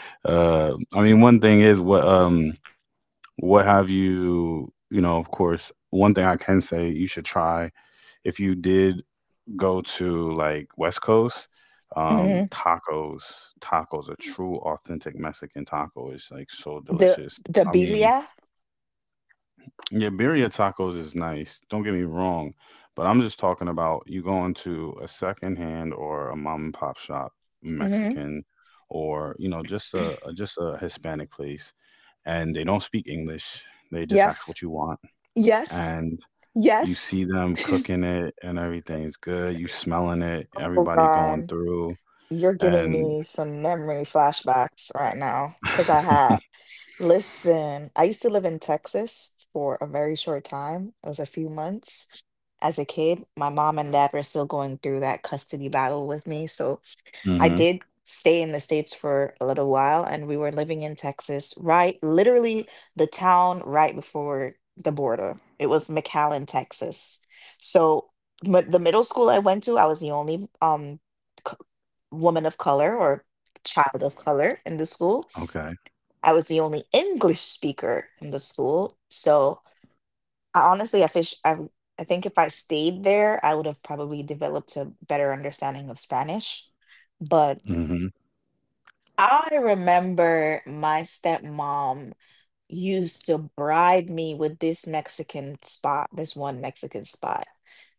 Speaker 1: uh. I mean, one thing is what have you, you know, of course, one thing I can say you should try, if you did go to like West Coast um
Speaker 2: Hmm.
Speaker 1: tacos tacos, a true authentic Mexican taco is like so
Speaker 2: The
Speaker 1: delicious.
Speaker 2: the
Speaker 1: I mean,
Speaker 2: birria.
Speaker 1: yeah, birria tacos is nice. Don't get me wrong, but I'm just talking about you going to a secondhand or a mom and pop shop,
Speaker 2: Hmm.
Speaker 1: Mexican, or you know, just a just a Hispanic place, and they don't speak English. They just ask
Speaker 2: Yes.
Speaker 1: what you want,
Speaker 2: Yes.
Speaker 1: and you
Speaker 2: Yes.
Speaker 1: see them cooking it, and everything's good. You smelling it,
Speaker 2: Oh
Speaker 1: everybody going
Speaker 2: God,
Speaker 1: through,
Speaker 2: you're giving
Speaker 1: and
Speaker 2: me some memory flashbacks right now because I had, listen, I used to live in Texas for a very short time. It was a few months as a kid. My mom and dad were still going through that custody battle with me. So I
Speaker 1: hmm,
Speaker 2: did stay in the States for a little while, and we were living in Texas, right? Literally the town right before the border. It was McAllen, Texas. So, but the middle school I went to, I was the only c- woman of color or child of color in the school.
Speaker 1: okay,
Speaker 2: I was the only English speaker in the school. So, I honestly, I think if I stayed there, I would have probably developed a better understanding of Spanish. But
Speaker 1: hmm,
Speaker 2: I remember my stepmom used to bribe me with this Mexican spot, this one Mexican spot.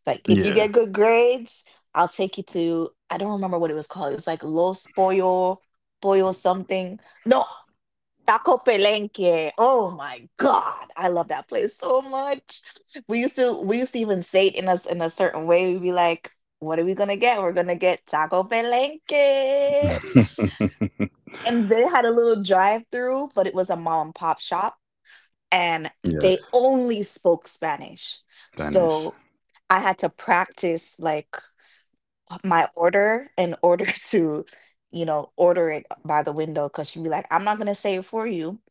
Speaker 2: Like, if you
Speaker 1: yeah,
Speaker 2: get good grades, I'll take you to, I don't remember what it was called. It was like Los Pollo, Pollo something. No, Taco Palenque. Oh my God. I love that place so much. We used to even say it in us in a certain way. We'd be like, what are we gonna get? We're gonna get Taco Palenque. And they had a little drive through, but it was a mom and pop shop, and they
Speaker 1: yes,
Speaker 2: only spoke Spanish.
Speaker 1: Spanish.
Speaker 2: So I had to practice like my order in order to, you know, order it by the window because she'd be like, I'm not gonna say it for you.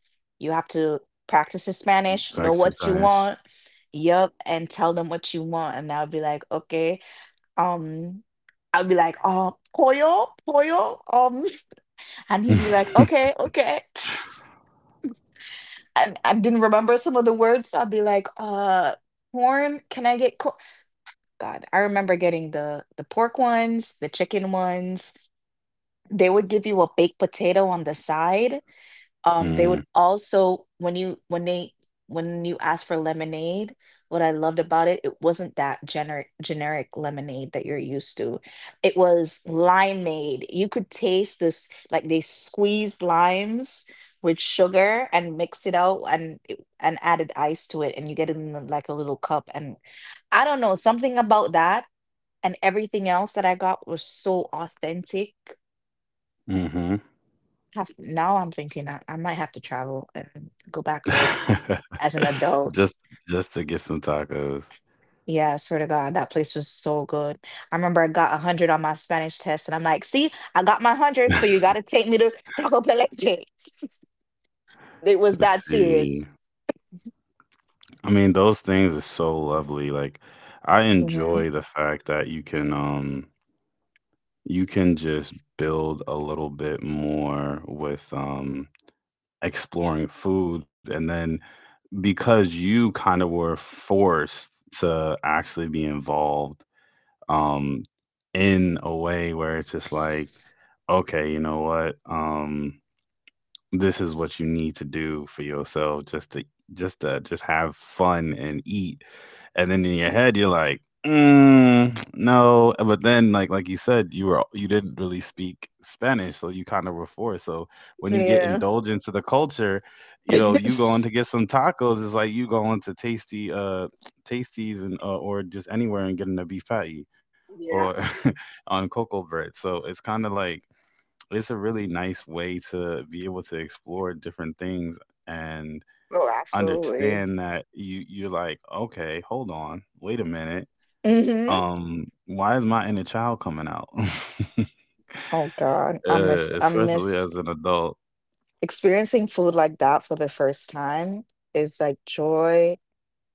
Speaker 2: You have to practice in Spanish,
Speaker 1: Sagst
Speaker 2: know
Speaker 1: du
Speaker 2: what you
Speaker 1: Sayash.
Speaker 2: want, yep, and tell them what you want. And I would be like, okay, um, I would be like, oh, pollo, pollo, and he'd be like, okay, okay. I didn't remember some of the words. So I'd be like, corn, can I get corn? God, I remember getting the pork ones, the chicken ones. They would give you a baked potato on the side. They would
Speaker 1: Mm,
Speaker 2: also when they when you ask for lemonade, what I loved about it, it wasn't that generic lemonade that you're used to. It was limeade. You could taste this like they squeezed limes with sugar and mixed it out and and added ice to it and you get it in like a little cup and I don't know, something about that and everything else that I got was so authentic
Speaker 1: mhm.
Speaker 2: have now I'm thinking I might have to travel and go back there as an adult.
Speaker 1: Just just to get some tacos.
Speaker 2: Yeah, I swear to God, that place was so good. I remember I got a hundred on my Spanish test, and I'm like, "See, I got my hundred, so you gotta take me to Taco Palenque." It was
Speaker 1: Let's
Speaker 2: that
Speaker 1: see.
Speaker 2: serious.
Speaker 1: I mean, those things are so lovely. Like, I
Speaker 2: Hmm.
Speaker 1: enjoy the fact that you can just build a little bit more with exploring food, and then because you kind of were forced to actually be involved um in a way where it's just like, okay, you know what? This is what you need to do for yourself, just to just to just have fun and eat. And then in your head, you're like, mm, no. But then, like you said, you were you didn't really speak Spanish, so you kind of were forced. So when you get
Speaker 2: Yeah.
Speaker 1: indulged into the culture, you know, you going to get some tacos. It's like you going to tasty tasties and or just anywhere and getting a beef patty or
Speaker 2: Yeah.
Speaker 1: on cocoa bread. So it's kind of like it's a really nice way to be able to explore different things and
Speaker 2: Oh, absolutely.
Speaker 1: understand that you, you're like, okay, hold on, wait a minute,
Speaker 2: Hmm.
Speaker 1: why is my inner child coming out
Speaker 2: Oh God, I miss I
Speaker 1: especially
Speaker 2: miss
Speaker 1: as an adult.
Speaker 2: experiencing food like that for the first time is like joy.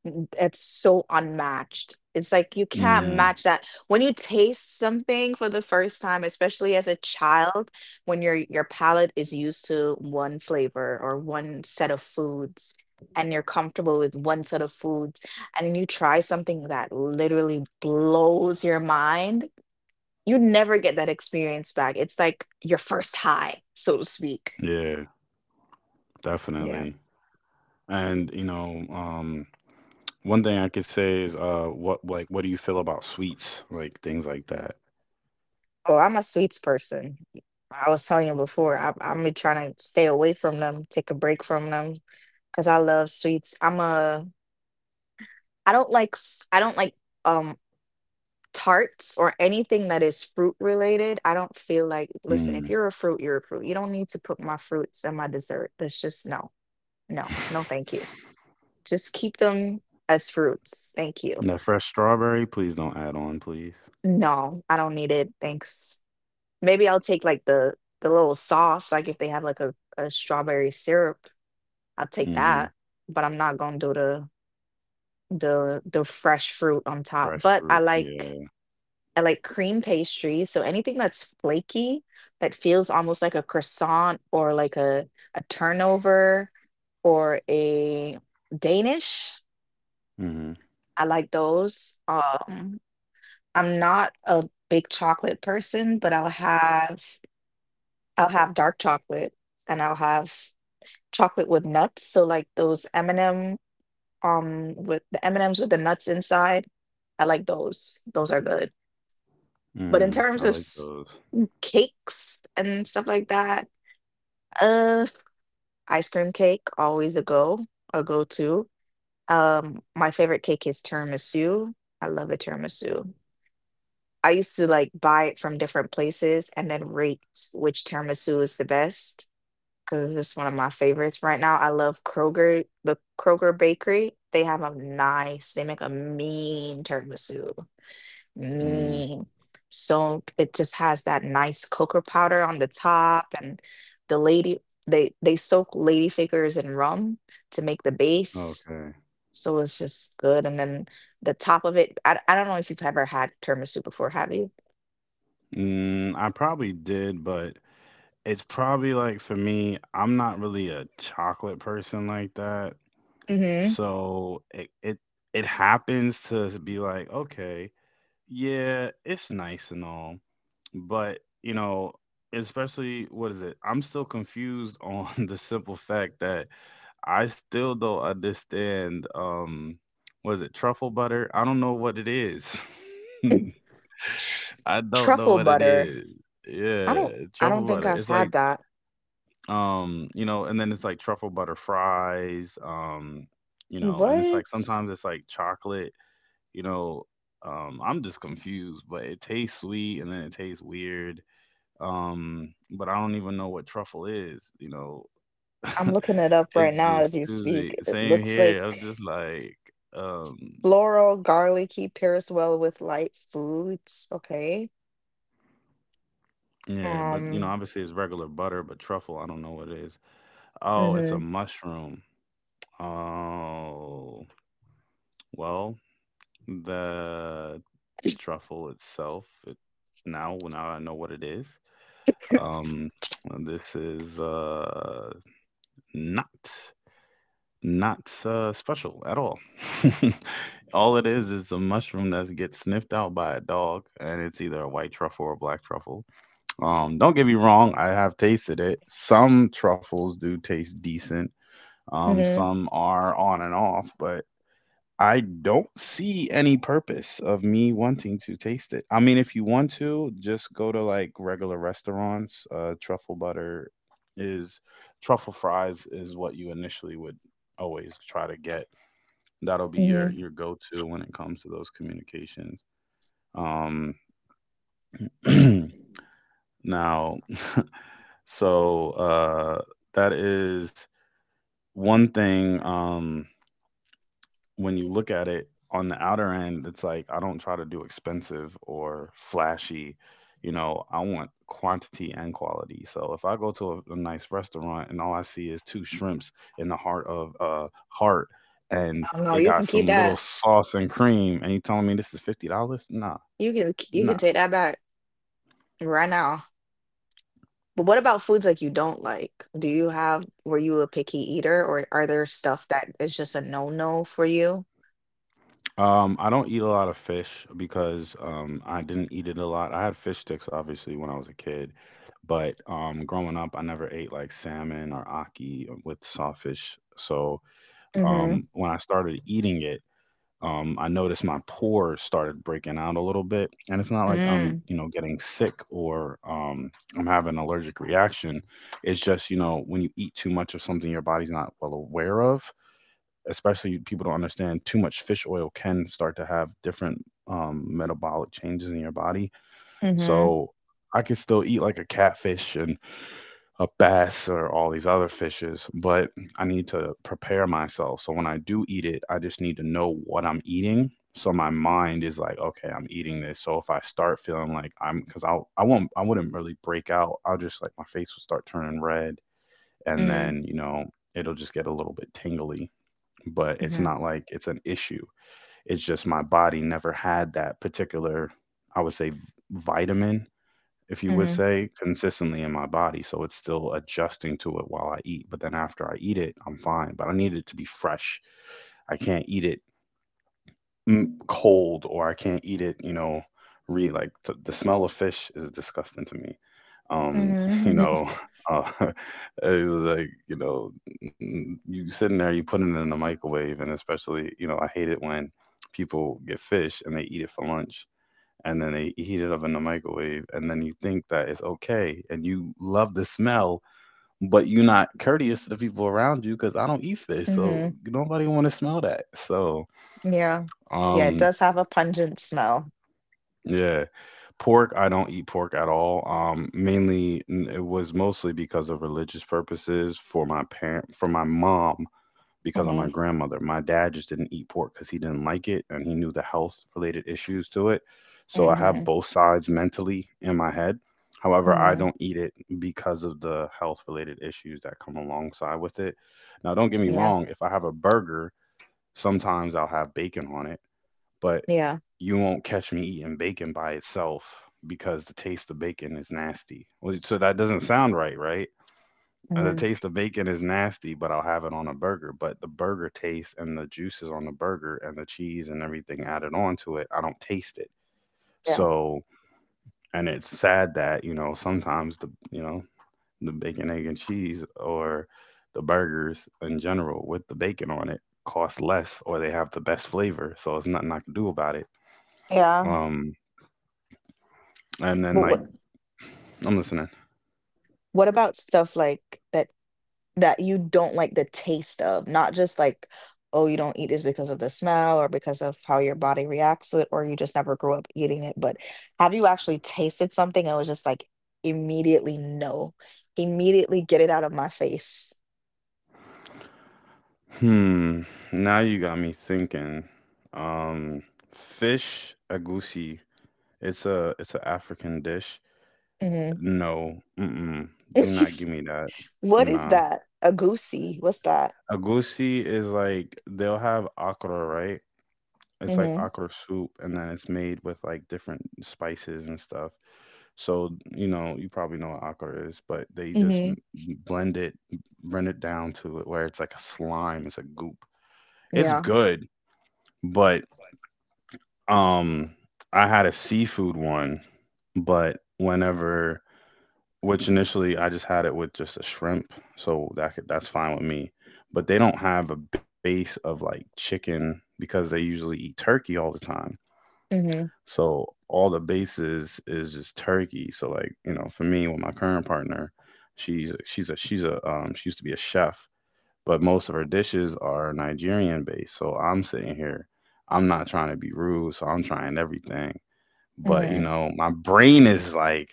Speaker 2: Mm, it's so unmatched. It's like you can't match
Speaker 1: Mm,
Speaker 2: that. When you taste something for the first time, especially as a child, when your palate is used to one flavor or one set of foods, and you're comfortable with one set of foods, and then you try something that literally blows your mind, you never get that experience back. It's like your first high, so to speak.
Speaker 1: yeah, definitely. And you know, one thing I could say is what do you feel about sweets, like things like that?
Speaker 2: Oh, I'm a sweets person. I was telling you before, I'm trying to stay away from them, take a break from them, because I love sweets. I don't like, I don't like um tarts or anything that is fruit related. I don't feel like, listen, if
Speaker 1: Mm.
Speaker 2: you're a fruit, you're a fruit. You don't need to put my fruits in my dessert. That's just no, no, no, thank you. Just keep them as fruits. Thank you.
Speaker 1: That fresh strawberry, please don't add on, please.
Speaker 2: No, I don't need it. Thanks. Maybe I'll take like the little sauce, like if they have like a strawberry syrup, I'll take
Speaker 1: Hmm.
Speaker 2: that. But I'm not gonna do the fresh fruit on top.
Speaker 1: Fresh
Speaker 2: But
Speaker 1: fruit, yeah.
Speaker 2: I like cream pastry, so anything that's flaky that feels almost like a croissant or like a turnover or a Danish.
Speaker 1: Mhm.
Speaker 2: I like those. I'm not a big chocolate person, but I'll have dark chocolate and I'll have chocolate with nuts, so like those M&M, with the M&Ms with the nuts inside, I like those. Those are good. But in
Speaker 1: Mm,
Speaker 2: terms
Speaker 1: I
Speaker 2: of
Speaker 1: like
Speaker 2: s
Speaker 1: those.
Speaker 2: cakes and stuff like that, uh, ice cream cake, always a go, a go-to. My favorite cake is tiramisu. I love a tiramisu. I used to like buy it from different places and then rate which tiramisu is the best, because it's just one of my favorites right now. I love Kroger, the Kroger Bakery. They have a nice, they make a mean tiramisu.
Speaker 1: Mm,
Speaker 2: Mean. So it just has that nice cocoa powder on the top and the lady they soak lady fingers in rum to make the base.
Speaker 1: okay.
Speaker 2: So it's just good. And then the top of it, I don't know if you've ever had tiramisu before, have you?
Speaker 1: Mm, I probably did, but it's probably like for me, I'm not really a chocolate person like that.
Speaker 2: Mm-hmm.
Speaker 1: So it it happens to be like, okay, yeah, it's nice and all, but you know, especially what is it? I'm still confused on the simple fact that I still don't understand. Was it truffle butter? I don't know what it is. I don't know
Speaker 2: Truffle
Speaker 1: what it
Speaker 2: butter.
Speaker 1: is.
Speaker 2: I don't
Speaker 1: Yeah,
Speaker 2: I don't
Speaker 1: truffle
Speaker 2: think
Speaker 1: butter.
Speaker 2: I've
Speaker 1: It's
Speaker 2: had
Speaker 1: like,
Speaker 2: that.
Speaker 1: you know, and then it's like truffle butter fries. You know, and it's like
Speaker 2: What?
Speaker 1: sometimes it's like chocolate. You know, I'm just confused. But it tastes sweet, and then it tastes weird. But I don't even know what truffle is. You know.
Speaker 2: I'm looking it up right
Speaker 1: It's
Speaker 2: now
Speaker 1: just
Speaker 2: as you speak.
Speaker 1: Tuesday.
Speaker 2: It
Speaker 1: Same
Speaker 2: looks
Speaker 1: here. I was
Speaker 2: like
Speaker 1: just like, um,
Speaker 2: floral, garlicky, pairs well with light foods. Okay.
Speaker 1: yeah, but you know,
Speaker 2: Um.
Speaker 1: obviously it's regular butter, but truffle, I don't know what it is. Oh, it's a
Speaker 2: Mhm.
Speaker 1: mushroom. Oh, well, the truffle itself, it, now well, now I know what it is. Um, this is not, not special at all. All it is a mushroom that gets sniffed out by a dog, and it's either a white truffle or a black truffle. Don't get me wrong, I have tasted it. Some truffles do taste decent.
Speaker 2: Mhm.
Speaker 1: Some are on and off, but I don't see any purpose of me wanting to taste it. I mean, if you want to, just go to like regular restaurants. Truffle butter is truffle fries is what you initially would always try to get. That'll be your
Speaker 2: Mhm.
Speaker 1: your go-to when it comes to those communications. Um, now, so that is one thing, when you look at it on the outer end, it's like I don't try to do expensive or flashy. You know, I want quantity and quality. So if I go to a nice restaurant and all I see is two shrimps in the heart of heart, and
Speaker 2: Oh no,
Speaker 1: it
Speaker 2: you
Speaker 1: got
Speaker 2: can keep
Speaker 1: some little
Speaker 2: that.
Speaker 1: sauce and cream, and you telling me this is $50? Nah,
Speaker 2: You can you can
Speaker 1: nah.
Speaker 2: take that back right now. But what about foods like you don't like? Do you have? Were you a picky eater, or are there stuff that is just a no no for you?
Speaker 1: I don't eat a lot of fish because I didn't eat it a lot. I had fish sticks obviously when I was a kid, but growing up, I never ate like salmon or aki with sawfish. So
Speaker 2: Mhm.
Speaker 1: um, when I started eating it, I noticed my pores started breaking out a little bit, and it's not like I'm,
Speaker 2: Mm.
Speaker 1: you know, getting sick or I'm having an allergic reaction. It's just, when you eat too much of something your body's not well aware of, especially people don't understand too much fish oil can start to have different metabolic changes in your body.
Speaker 2: Mhm.
Speaker 1: So I can still eat like a catfish and a bass or all these other fishes, but I need to prepare myself. So when I do eat it, I just need to know what I'm eating. So my mind is like, okay, I'm eating this. So if I start feeling like I'm, because I won't, I wouldn't really break out. I'll just like my face will start turning red, and
Speaker 2: Mhm.
Speaker 1: then it'll just get a little bit tingly, but it's
Speaker 2: Mhm.
Speaker 1: not like it's an issue. It's just my body never had that particular, I would say, vitamin, if you would
Speaker 2: Mhm.
Speaker 1: say, consistently in my body. So it's still adjusting to it while I eat. But then after I eat it, I'm fine. But I need it to be fresh. I can't eat it cold, or I can't eat it. The smell of fish is disgusting to me. Um, you
Speaker 2: Mhm.
Speaker 1: know, uh, it was like, you sitting there, you putting it in the microwave, and especially, I hate it when people get fish and they eat it for lunch and then they heat it up in the microwave, and then you think that it's okay and you love the smell, but you're not courteous to the people around you because I don't eat fish, so
Speaker 2: Mhm.
Speaker 1: nobody want to smell that. so
Speaker 2: Yeah. Yeah, it
Speaker 1: um
Speaker 2: does have a pungent smell.
Speaker 1: yeah. Pork, I don't eat pork at all. Mainly, it was mostly because of religious purposes for my parent, for my mom, because of my
Speaker 2: Hmm.
Speaker 1: grandmother. My dad just didn't eat pork because he didn't like it and he knew the health related issues to it. So I have
Speaker 2: Hmm.
Speaker 1: both sides mentally in my head. However, I
Speaker 2: Hmm.
Speaker 1: don't eat it because of the health related issues that come alongside with it. Now, don't get me
Speaker 2: Yeah.
Speaker 1: wrong, if I have a burger, sometimes I'll have bacon on it, but
Speaker 2: Yeah.
Speaker 1: you won't catch me eating bacon by itself because the taste of bacon is nasty. Well, so that doesn't sound right, right? The
Speaker 2: Hmm.
Speaker 1: taste of bacon is nasty, but I'll have it on a burger. But the burger taste and the juices on the burger and the cheese and everything added onto it, I don't taste it.
Speaker 2: Yeah.
Speaker 1: So, and it's sad that sometimes the bacon, egg, and cheese, or the burgers in general with the bacon on it cost less or they have the best flavor. So it's nothing I can do about it.
Speaker 2: Yeah.
Speaker 1: Um, And then
Speaker 2: But
Speaker 1: like I'm listening.
Speaker 2: what about stuff like that that you don't like the taste of? Not just like, oh, you don't eat this because of the smell or because of how your body reacts to it, or you just never grew up eating it. But have you actually tasted something and was just like immediately no, immediately get it out of my face?
Speaker 1: Hmm. Now you got me thinking. Um, Fish agusi. It's an African dish.
Speaker 2: hmm
Speaker 1: No. Mm-mm. Do not give me that.
Speaker 2: What is
Speaker 1: Nah.
Speaker 2: that? A goosey? What's that?
Speaker 1: Agusi is like they'll have akra, right? It's like
Speaker 2: hmm
Speaker 1: akra soup, and then it's made with like different spices and stuff. So you probably know what akra is, but they just
Speaker 2: Mhm.
Speaker 1: blend it, blend it, down to it where it's like a slime. It's a goop. It's
Speaker 2: Yeah.
Speaker 1: good. But um I had a seafood one, but whenever which initially I just had it with just a shrimp, so that's fine with me. But they don't have a base of like chicken because they usually eat turkey all the time.
Speaker 2: Mhm.
Speaker 1: So all the bases is just turkey. So like, for me with my current partner, she used to be a chef, but most of her dishes are Nigerian based. So I'm sitting here. I'm not trying to be rude, so I'm trying everything. But
Speaker 2: Mhm.
Speaker 1: my brain is like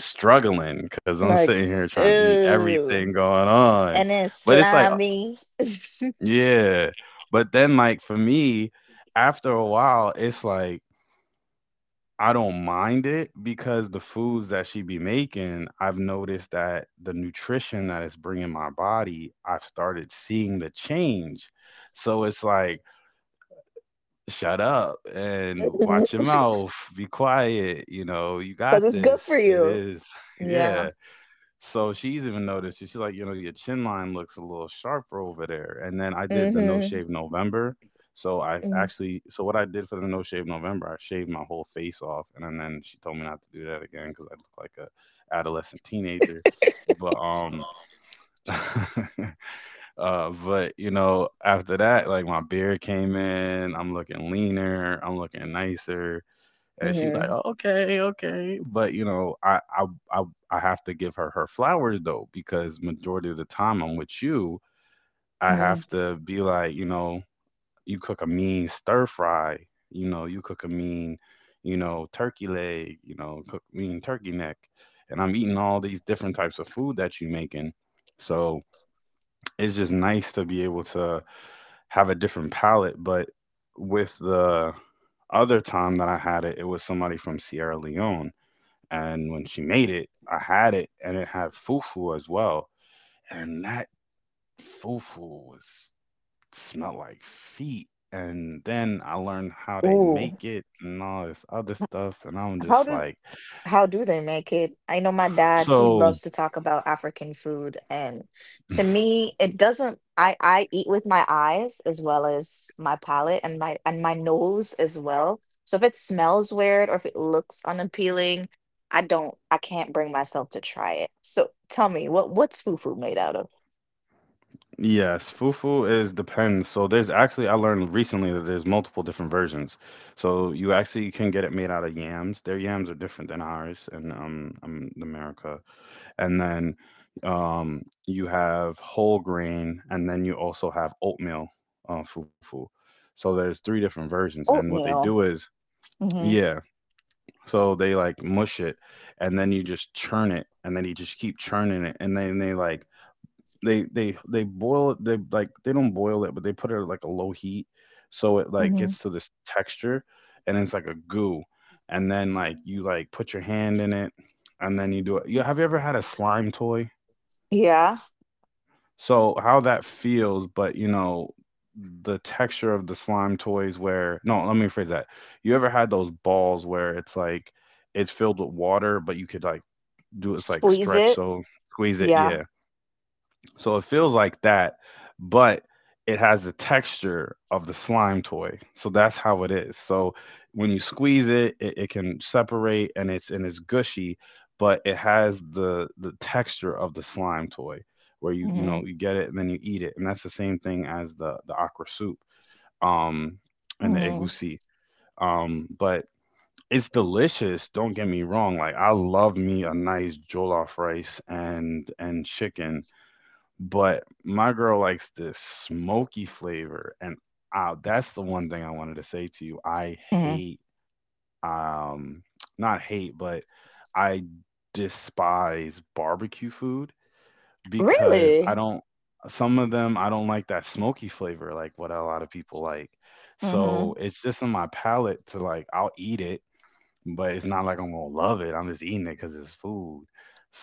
Speaker 1: struggling because I'm
Speaker 2: Like,
Speaker 1: sitting here trying to eat
Speaker 2: ooh.
Speaker 1: everything going on.
Speaker 2: And then
Speaker 1: But it's like
Speaker 2: slimy. Because
Speaker 1: yeah. But then like for me, after a while, it's like I don't mind it, because the foods that she be making, I've noticed that the nutrition that it's bringing my body, I've started seeing the change. So it's like, shut up and watch your mouth, be quiet, you know, you got
Speaker 2: Mhm. It's good for
Speaker 1: this. It
Speaker 2: you.
Speaker 1: is.
Speaker 2: Yeah.
Speaker 1: Yeah. So she's even noticed it. She's like, you know, your chin line looks a little sharper over there. And then I did the No
Speaker 2: Mhm.
Speaker 1: Shave November.
Speaker 2: Mhm.
Speaker 1: So what I did for the No Shave November, I shaved my whole face off, and then she told me not to do that again because I look like a adolescent teenager. But but you know, after that, like my beard came in, I'm looking leaner, I'm looking nicer, and she like,
Speaker 2: Mhm.
Speaker 1: "Oh, okay, okay." But I I have to give her her flowers though, because majority of the time I'm with you, I
Speaker 2: Mhm.
Speaker 1: have to be like, you cook a mean stir fry, you cook a mean, turkey leg, cook mean turkey neck, and I'm eating all these different types of food that you're making, so it's just nice to be able to have a different palette. But with the other time that I had it, it was somebody from Sierra Leone. And when she made it, I had it and it had fufu as well. And that fufu was smelled like feet. And then I learned how they
Speaker 2: Ooh.
Speaker 1: make it and all this other stuff. And I'm
Speaker 2: How
Speaker 1: just
Speaker 2: do?
Speaker 1: like,
Speaker 2: How do they make it? I know my dad, he
Speaker 1: so.
Speaker 2: loves to talk about African food, and to me, it doesn't I eat with my eyes as well as my palate and my nose as well. So if it smells weird or if it looks unappealing, I can't bring myself to try it. So tell me, what's fufu made out of?
Speaker 1: Yes, fufu is depends. So there's actually I learned recently that there's multiple different versions. So you actually can get it made out of yams. Their yams are different than ours in America. And then you have whole grain, and then you also have oatmeal fufu. So there's three different versions, and what they do
Speaker 2: Oatmeal.
Speaker 1: is,
Speaker 2: Mm-hmm.
Speaker 1: yeah. So they like mush it, and then you just churn it, and then you just keep churning it. And then they like, they boil it, they like, they don't boil it, but they put it at like a low heat, so it like
Speaker 2: Mm-hmm.
Speaker 1: gets to this texture. And it's like a goo, and then like you like put your hand in it, and then you do it. You ever had a slime toy,
Speaker 2: Yeah.
Speaker 1: so how that feels, but you know the texture of the slime toys where, no, let me rephrase that. You ever had those balls where it's like it's filled with water, but you could like do it's like
Speaker 2: Squeeze
Speaker 1: stretch,
Speaker 2: it.
Speaker 1: so squeeze it,
Speaker 2: Yeah.
Speaker 1: yeah. So it feels like that, but it has the texture of the slime toy. So that's how it is. So when you squeeze it, it can separate, and it's gushy, but it has the texture of the slime toy, where you you
Speaker 2: Mm-hmm.
Speaker 1: know you get it, and then you eat it. And that's the same thing as the aqua soup um and the
Speaker 2: Mm-hmm.
Speaker 1: egusi. But it's delicious, don't get me wrong. Like I love me a nice jollof rice and chicken, but my girl likes this smoky flavor, and that's the one thing I wanted to say to you. I
Speaker 2: hmm
Speaker 1: hate, um not hate, but I despise barbecue food because I
Speaker 2: Really?
Speaker 1: don't some of them, I don't like that smoky flavor like what a lot of people like.
Speaker 2: Mhm.
Speaker 1: So it's just in my palate to, like I'll eat it, but it's not like I'm gonna love it. I'm just eating it because it's food.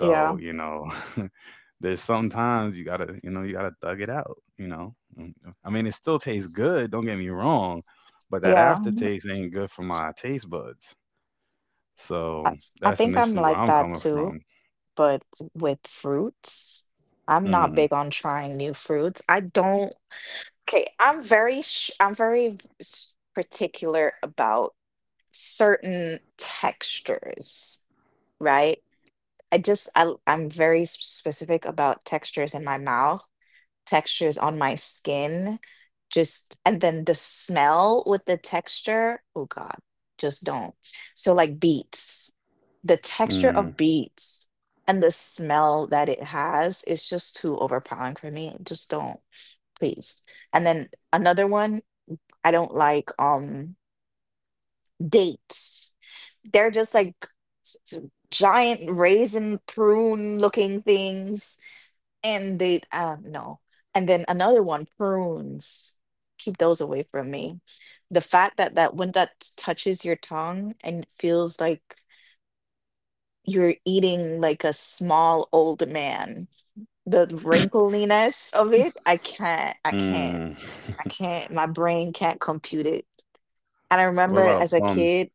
Speaker 2: Yeah,
Speaker 1: there's sometimes you gotta, thug it out. I mean, it still tastes good, don't get me wrong, but that
Speaker 2: yeah.
Speaker 1: aftertaste ain't good for my taste buds.
Speaker 2: I,
Speaker 1: So
Speaker 2: I
Speaker 1: that's
Speaker 2: think I'm
Speaker 1: initially where
Speaker 2: like
Speaker 1: I'm
Speaker 2: that
Speaker 1: coming
Speaker 2: too,
Speaker 1: from.
Speaker 2: but with fruits, I'm not
Speaker 1: Mm,
Speaker 2: big on trying new fruits. I don't. Okay, I'm very particular about certain textures, right? I'm very specific about textures in my mouth. Textures on my skin. Just and then the smell with the texture, oh God, just don't. So like beets, the texture
Speaker 1: mm.
Speaker 2: of beets and the smell that it has is just too overpowering for me. Just don't, please. And then another one, I don't like dates. They're just like s- s- giant raisin prune looking things and they no. And then another one, prunes, keep those away from me. The fact that touches your tongue and it feels like you're eating like a small old man, the wrinkliness of it,
Speaker 1: Mm.
Speaker 2: I can't, my brain can't compute it. And I
Speaker 1: What
Speaker 2: remember
Speaker 1: about a
Speaker 2: as a
Speaker 1: plum?
Speaker 2: kid,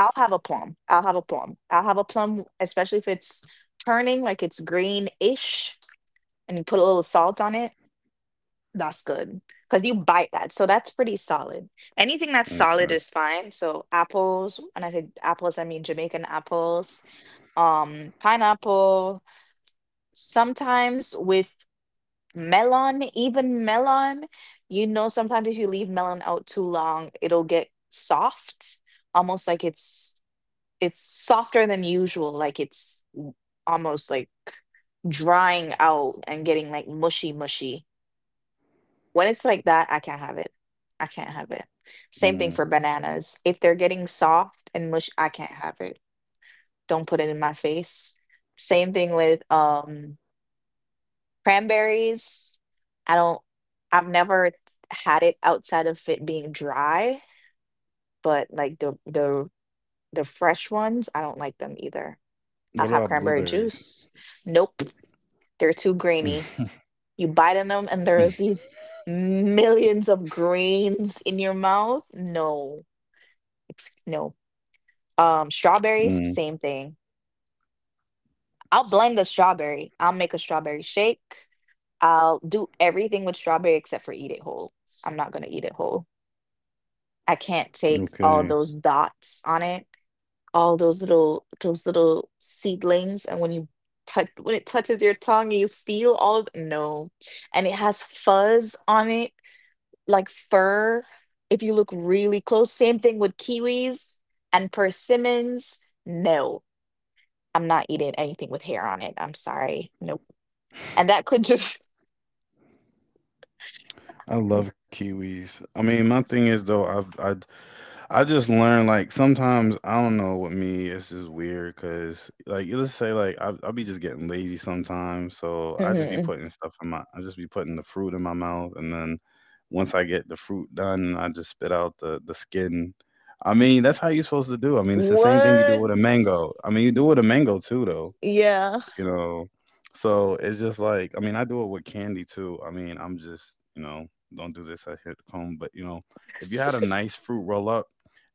Speaker 2: I'll have a plum, especially if it's turning like it's green-ish and you put a little salt on it. That's good, because you bite that. So that's pretty solid. Anything that's solid
Speaker 1: Okay.
Speaker 2: is fine. So apples, and I say apples, I mean Jamaican apples, pineapple, sometimes with melon, even melon. You know, sometimes if you leave melon out too long, it'll get soft, almost like it's softer than usual, like almost like drying out and getting like mushy mushy. When it's like that, I can't have it. I can't have it. Same thing
Speaker 1: Mm.
Speaker 2: for bananas. If they're getting soft and mush, I can't have it. Don't put it in my face. Same thing with cranberries. I don't I've never t- had it outside of it being dry, but like the fresh ones, I don't like them either. I'll
Speaker 1: What
Speaker 2: have
Speaker 1: about
Speaker 2: cranberry
Speaker 1: blueberries?
Speaker 2: juice. Nope, they're too grainy. You bite in them and there's these millions of grains in your mouth. No. No. Strawberries,
Speaker 1: Mm.
Speaker 2: same thing. I'll blend the strawberry. I'll make a strawberry shake. I'll do everything with strawberry except for eat it whole. I'm not gonna eat it whole. I can't take all
Speaker 1: Okay.
Speaker 2: those dots on it, all those little seedlings, and when it touches your tongue, you feel no. And it has fuzz on it, like fur. If you look really close, same thing with kiwis and persimmons. No. I'm not eating anything with hair on it. I'm sorry. Nope. And that could just
Speaker 1: I love kiwis. I mean, my thing is though, I just learned, like sometimes I don't know, with me it's just weird, because like, let's say like I'll be just getting lazy sometimes, so I just be
Speaker 2: Mhm.
Speaker 1: putting stuff in my I just be putting the fruit in my mouth, and then once I get the fruit done, I just spit out the skin. I mean that's how you're supposed to do. I mean it's the same thing you do with a
Speaker 2: What?
Speaker 1: mango. I mean you do with a mango too though
Speaker 2: Yeah.
Speaker 1: you know. So it's just like, I mean, I do it with candy too. I mean, I'm just don't do this. I hit home, but if you had a nice fruit roll up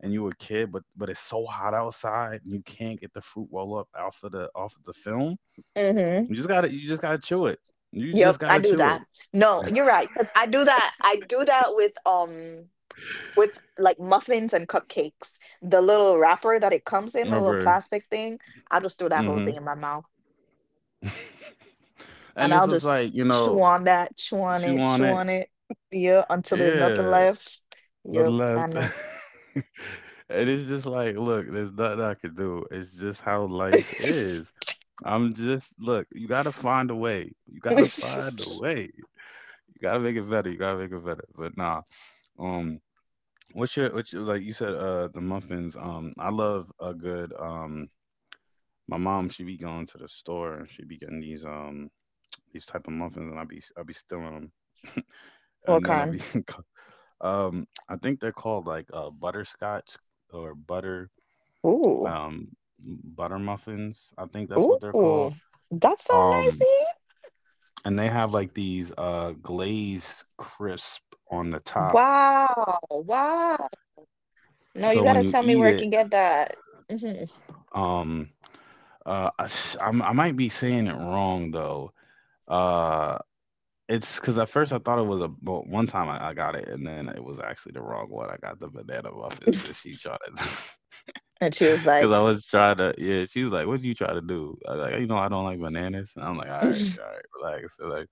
Speaker 1: and you were a kid, but it's so hot outside and you can't get the fruit roll up off of the film,
Speaker 2: Mhm.
Speaker 1: you just gotta chew it. You just
Speaker 2: Yep, I
Speaker 1: gotta
Speaker 2: do
Speaker 1: chew
Speaker 2: that.
Speaker 1: it.
Speaker 2: No, you're right. Because I do that. I do that with with like muffins and cupcakes. The little wrapper that it comes in, the little
Speaker 1: Rubber.
Speaker 2: plastic thing. I'll just throw that whole
Speaker 1: Mm-hmm.
Speaker 2: thing in my mouth.
Speaker 1: And
Speaker 2: And
Speaker 1: it's
Speaker 2: I'll
Speaker 1: just like,
Speaker 2: just chew on that, chew on
Speaker 1: chew
Speaker 2: it,
Speaker 1: on
Speaker 2: chew
Speaker 1: it.
Speaker 2: on it. Yeah, until there's nothing
Speaker 1: Yeah.
Speaker 2: left.
Speaker 1: No
Speaker 2: Yep,
Speaker 1: left.
Speaker 2: I know.
Speaker 1: And it's just like, look, there's nothing I can do. It's just how life is. I'm just, look, you gotta find a way. You gotta find a way. You gotta make it better. You gotta make it better. But nah, um, what's your, like you said, the muffins. I love a good, my mom, she be going to the store and she be getting these type of muffins, and I be stealing them,
Speaker 2: What
Speaker 1: and then I
Speaker 2: kind?
Speaker 1: be, I think they're called like butterscotch or butter
Speaker 2: Ooh,
Speaker 1: um, butter muffins. I think that's what they're
Speaker 2: ooh,
Speaker 1: called.
Speaker 2: that's so
Speaker 1: Um,
Speaker 2: nicey.
Speaker 1: and they have like these glazed crisp on the top.
Speaker 2: Wow, wow. No, you
Speaker 1: So when
Speaker 2: gotta
Speaker 1: you
Speaker 2: tell me
Speaker 1: eat
Speaker 2: where I
Speaker 1: it,
Speaker 2: can get that. hmm
Speaker 1: um, I, I might be saying it wrong though. Uh, it's because at first I thought it was a. Well, one time I got it, and then it was actually the wrong one. I got the banana muffins, and she tried to.
Speaker 2: And she was
Speaker 1: Because I
Speaker 2: like,
Speaker 1: was trying to, yeah, she was like, "What did you try to do?" I was like, "You know, I don't like bananas." And I'm like, all right, relax." Relax.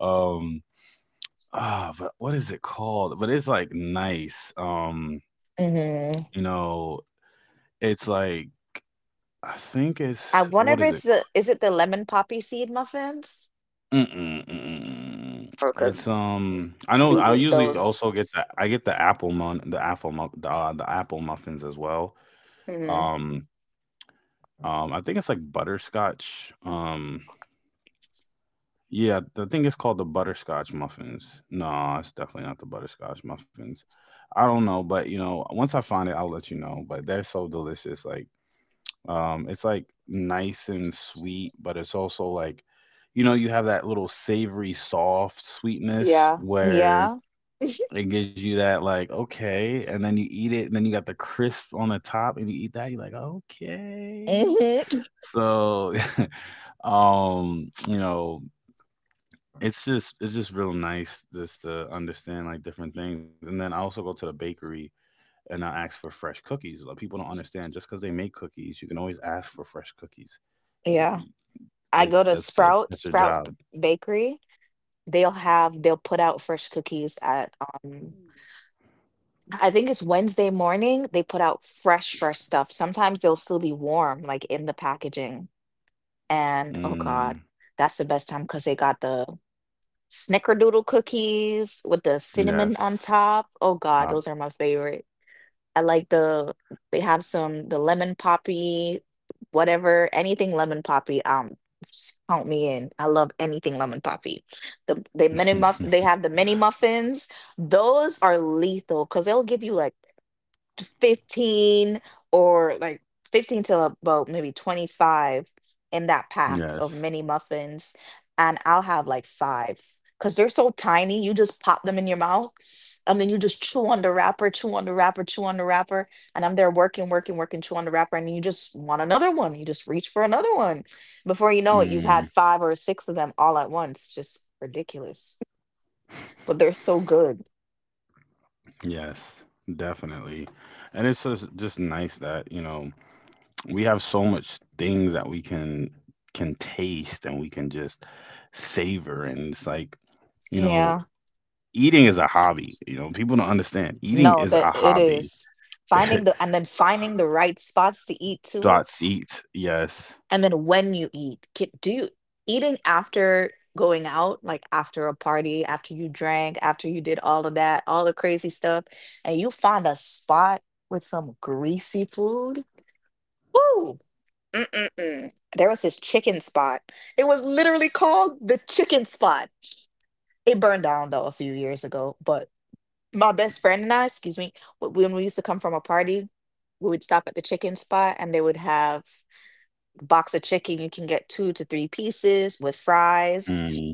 Speaker 1: um Ah, but what is it called? But it's like nice,
Speaker 2: hmm
Speaker 1: you know, it's like I think
Speaker 2: I
Speaker 1: it's
Speaker 2: wonder if
Speaker 1: what is
Speaker 2: it's
Speaker 1: it.
Speaker 2: the, is it the lemon poppy seed muffins?
Speaker 1: Mm-mm, mm-mm.
Speaker 2: Or
Speaker 1: It's,
Speaker 2: because
Speaker 1: I
Speaker 2: be
Speaker 1: know I
Speaker 2: eating
Speaker 1: usually also
Speaker 2: those.
Speaker 1: get the I get the apple mun the apple mu the apple muffins as well,
Speaker 2: hmm
Speaker 1: um, I think it's like butterscotch, yeah, I think it's called the butterscotch muffins. No, it's definitely not the butterscotch muffins. I don't know, but, you know, once I find it, I'll let you know, but they're so delicious, like. It's like nice and sweet, but it's also like, you know, you have that little savory, soft sweetness
Speaker 2: Yeah,
Speaker 1: where
Speaker 2: yeah,
Speaker 1: it gives you that like, okay, and then you eat it, and then you got the crisp on the top, and you eat that, you're like, okay.
Speaker 2: hmm
Speaker 1: So, you know, it's just real nice just to understand like different things. And then I also go to the bakery and I ask for fresh cookies. Like, people don't understand just because they make cookies, you can always ask for fresh cookies. You.
Speaker 2: yeah. I
Speaker 1: That's
Speaker 2: go to
Speaker 1: your
Speaker 2: Sprout
Speaker 1: job.
Speaker 2: Bakery. They'll put out fresh cookies at, um, I think it's Wednesday morning. They put out fresh, fresh stuff. Sometimes they'll still be warm, like in the packaging. And oh
Speaker 1: Mm,
Speaker 2: God, that's the best time because they got the snickerdoodle cookies with the cinnamon on
Speaker 1: yes.
Speaker 2: top. Oh God,
Speaker 1: Stop.
Speaker 2: those are my favorite. I like the they have some the lemon poppy, whatever, anything lemon poppy. Count me in. I love anything lemon poppy. They have the mini muffins. Those are lethal because they'll give you like 15, or like 15 to about maybe 25 in that pack of
Speaker 1: Yes.
Speaker 2: mini muffins, and I'll have like five, because they're so tiny. You just pop them in your mouth, and then you just chew on the wrapper, chew on the wrapper, and I'm there working working, chew on the wrapper, and you just want another one, you just reach for another one. Before you know it, you've
Speaker 1: Mm,
Speaker 2: had five or six of them all at once. Just ridiculous. But they're so good.
Speaker 1: yes. Definitely. And it's just nice that, you know, we have so much things that we can taste and we can just savor, and it's like, you know,
Speaker 2: Yeah.
Speaker 1: eating is a hobby. You know, people don't understand. Eating
Speaker 2: No,
Speaker 1: is a
Speaker 2: that it
Speaker 1: hobby.
Speaker 2: is. Finding the and then finding the right spots to eat too,
Speaker 1: Dots eats. Yes.
Speaker 2: and then when you eat, ki- do you eating after going out, like after a party, after you drank, after you did all of that, all the crazy stuff, and you find a spot with some greasy food? Ooh, mm-mm-mm. There was this chicken spot. It was literally called the chicken spot. It burned down though a few years ago, but my best friend and I, excuse me, when we used to come from a party, we would stop at the chicken spot and they would have a box of chicken. You can get 2 to 3 pieces with fries.
Speaker 1: Mm.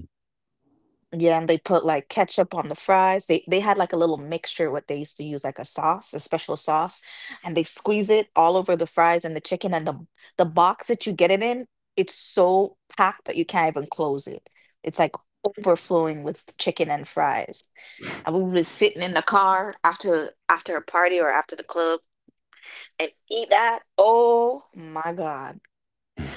Speaker 2: Yeah, and they put like ketchup on the fries. They had like a little mixture what they used to use, like a sauce, a special sauce, and they squeeze it all over the fries and the chicken, and the box that you get it in, it's so packed that you can't even close it. It's like overflowing with chicken and fries. I would be sitting in the car after a party or after the club and eat that. Oh my God.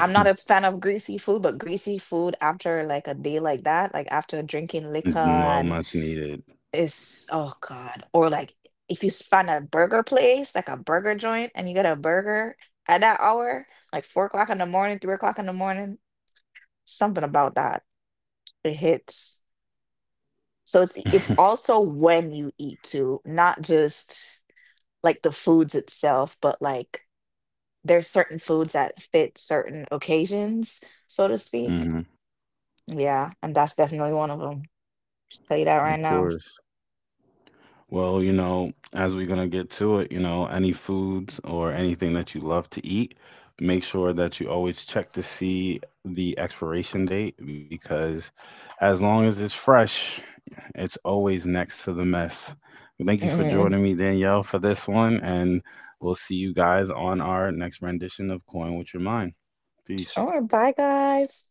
Speaker 2: I'm not a fan of greasy food, but greasy food after like a day like that, like after drinking liquor
Speaker 1: It's well
Speaker 2: and
Speaker 1: much needed.
Speaker 2: it's oh God. Or like if you find a burger place, like a burger joint, and you get a burger at that hour, like 4 o'clock in the morning, 3 o'clock in the morning, something about that. It hits. So it's also when you eat too, not just like the foods itself, but like there's certain foods that fit certain occasions, so to speak.
Speaker 1: Mhm.
Speaker 2: Yeah, and that's definitely one of them. Tell you that right
Speaker 1: Of
Speaker 2: now.
Speaker 1: course. Well, you know, as we're gonna get to it, you know, any foods or anything that you love to eat, make sure that you always check to see the expiration date, because as long as it's fresh, it's always next to the mess. Thank you for
Speaker 2: hmm
Speaker 1: joining me, Danielle, for this one, and we'll see you guys on our next rendition of Coin With Your Mind. Peace.
Speaker 2: Sure. Bye, guys.